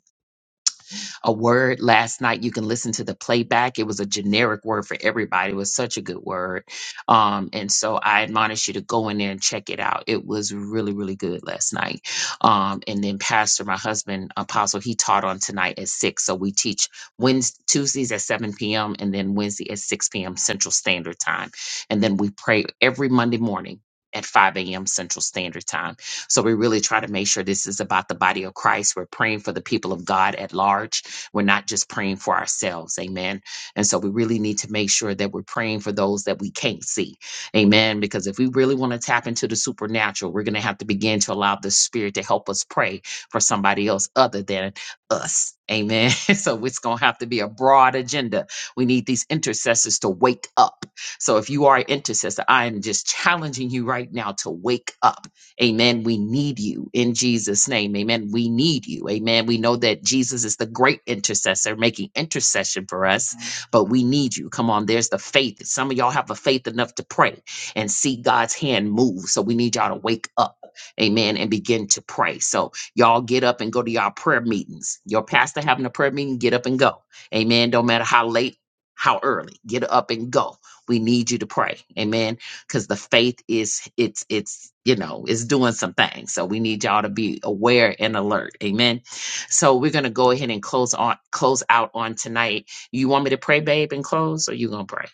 A: a word last night. You can listen to the playback. It was a generic word for everybody. It was such a good word. Um, and so I admonish you to go in there and check it out. It was really, really good last night. Um, and then Pastor, my husband, Apostle, he taught on tonight at six. So we teach Wednesdays, Tuesdays at 7 p.m. and then Wednesday at 6 p.m. Central Standard Time. And then we pray every Monday morning at 5 a.m. Central Standard Time. So we really try to make sure this is about the body of Christ. We're praying for the people of God at large we're not just praying for ourselves. Amen. And so we really need to make sure that we're praying for those that we can't see. Amen. Because if we really want to tap into the supernatural, we're going to have to begin to allow the Spirit to help us pray for somebody else other than us. Amen. So it's going to have to be a broad agenda. We need these intercessors to wake up. So if you are an intercessor, I am just challenging you right now to wake up Amen. We need you in Jesus' name. Amen. We need you. Amen. We know that Jesus is the great intercessor making intercession for us, but we need you. Come on, there's the faith. Some of y'all have the faith enough to pray and see God's hand move. So we need y'all to wake up. Amen. And begin to pray. So y'all get up and go to y'all prayer meetings. Your pastor having a prayer meeting, get up and go. Amen. Don't matter how late, how early, get up and go. We need you to pray. Amen because the faith is it's it's you know it's doing some things so we need y'all to be aware and alert amen so we're gonna go ahead and close on close out on tonight you want me to pray babe and close or you gonna pray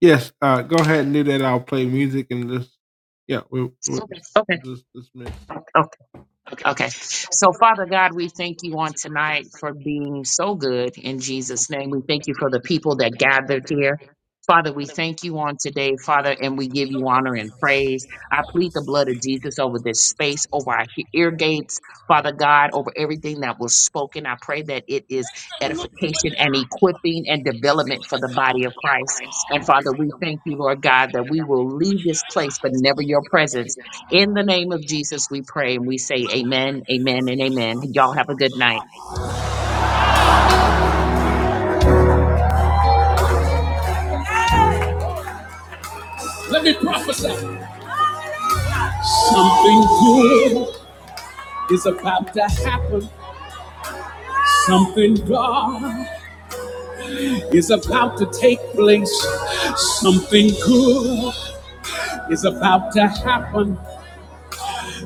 B: Yes, uh, go ahead and do that. I'll play music and just, yeah, we'll,
A: Okay.
B: we'll just dismiss.
A: okay Okay. So, Father God, we thank you on tonight for being so good in Jesus' name. We thank you for the people that gathered here. Father, we thank you on today, Father, and we give you honor and praise. I plead the blood of Jesus over this space, over our he- ear gates, Father God, over everything that was spoken. I pray that it is edification and equipping and development for the body of Christ. And Father, we thank you, Lord God, that we will leave this place, but never your presence. In the name of Jesus, we pray and we say amen, amen, and amen. Y'all have a good night.
B: Let me prophesy. Something good is about to happen. Something God is about to take place. Something good is about to happen.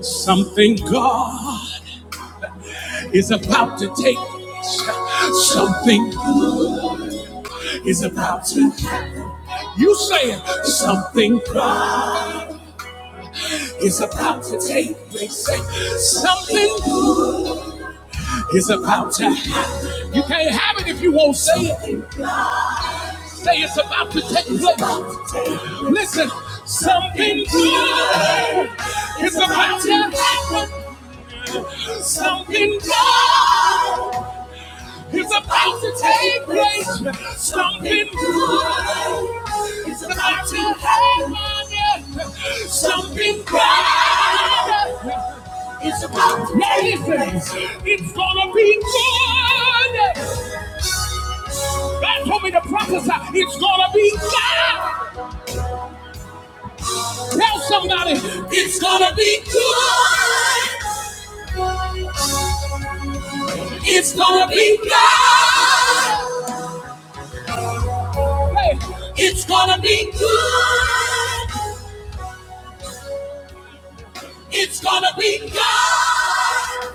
B: Something God is about to take place. Something good is about to happen. You say it. Something God is about to take place. Something It's about time. You can't have it if you won't say it. Say it's about to take place. Listen, something good is about to happen. Something good is about to take place. Something good is about to happen. Something good. It's about nation. It's gonna be good. God told me to prophesy. It's gonna be good. Tell somebody, it's gonna be good. It's gonna be good. Hey, it's gonna be good. It's gonna be good.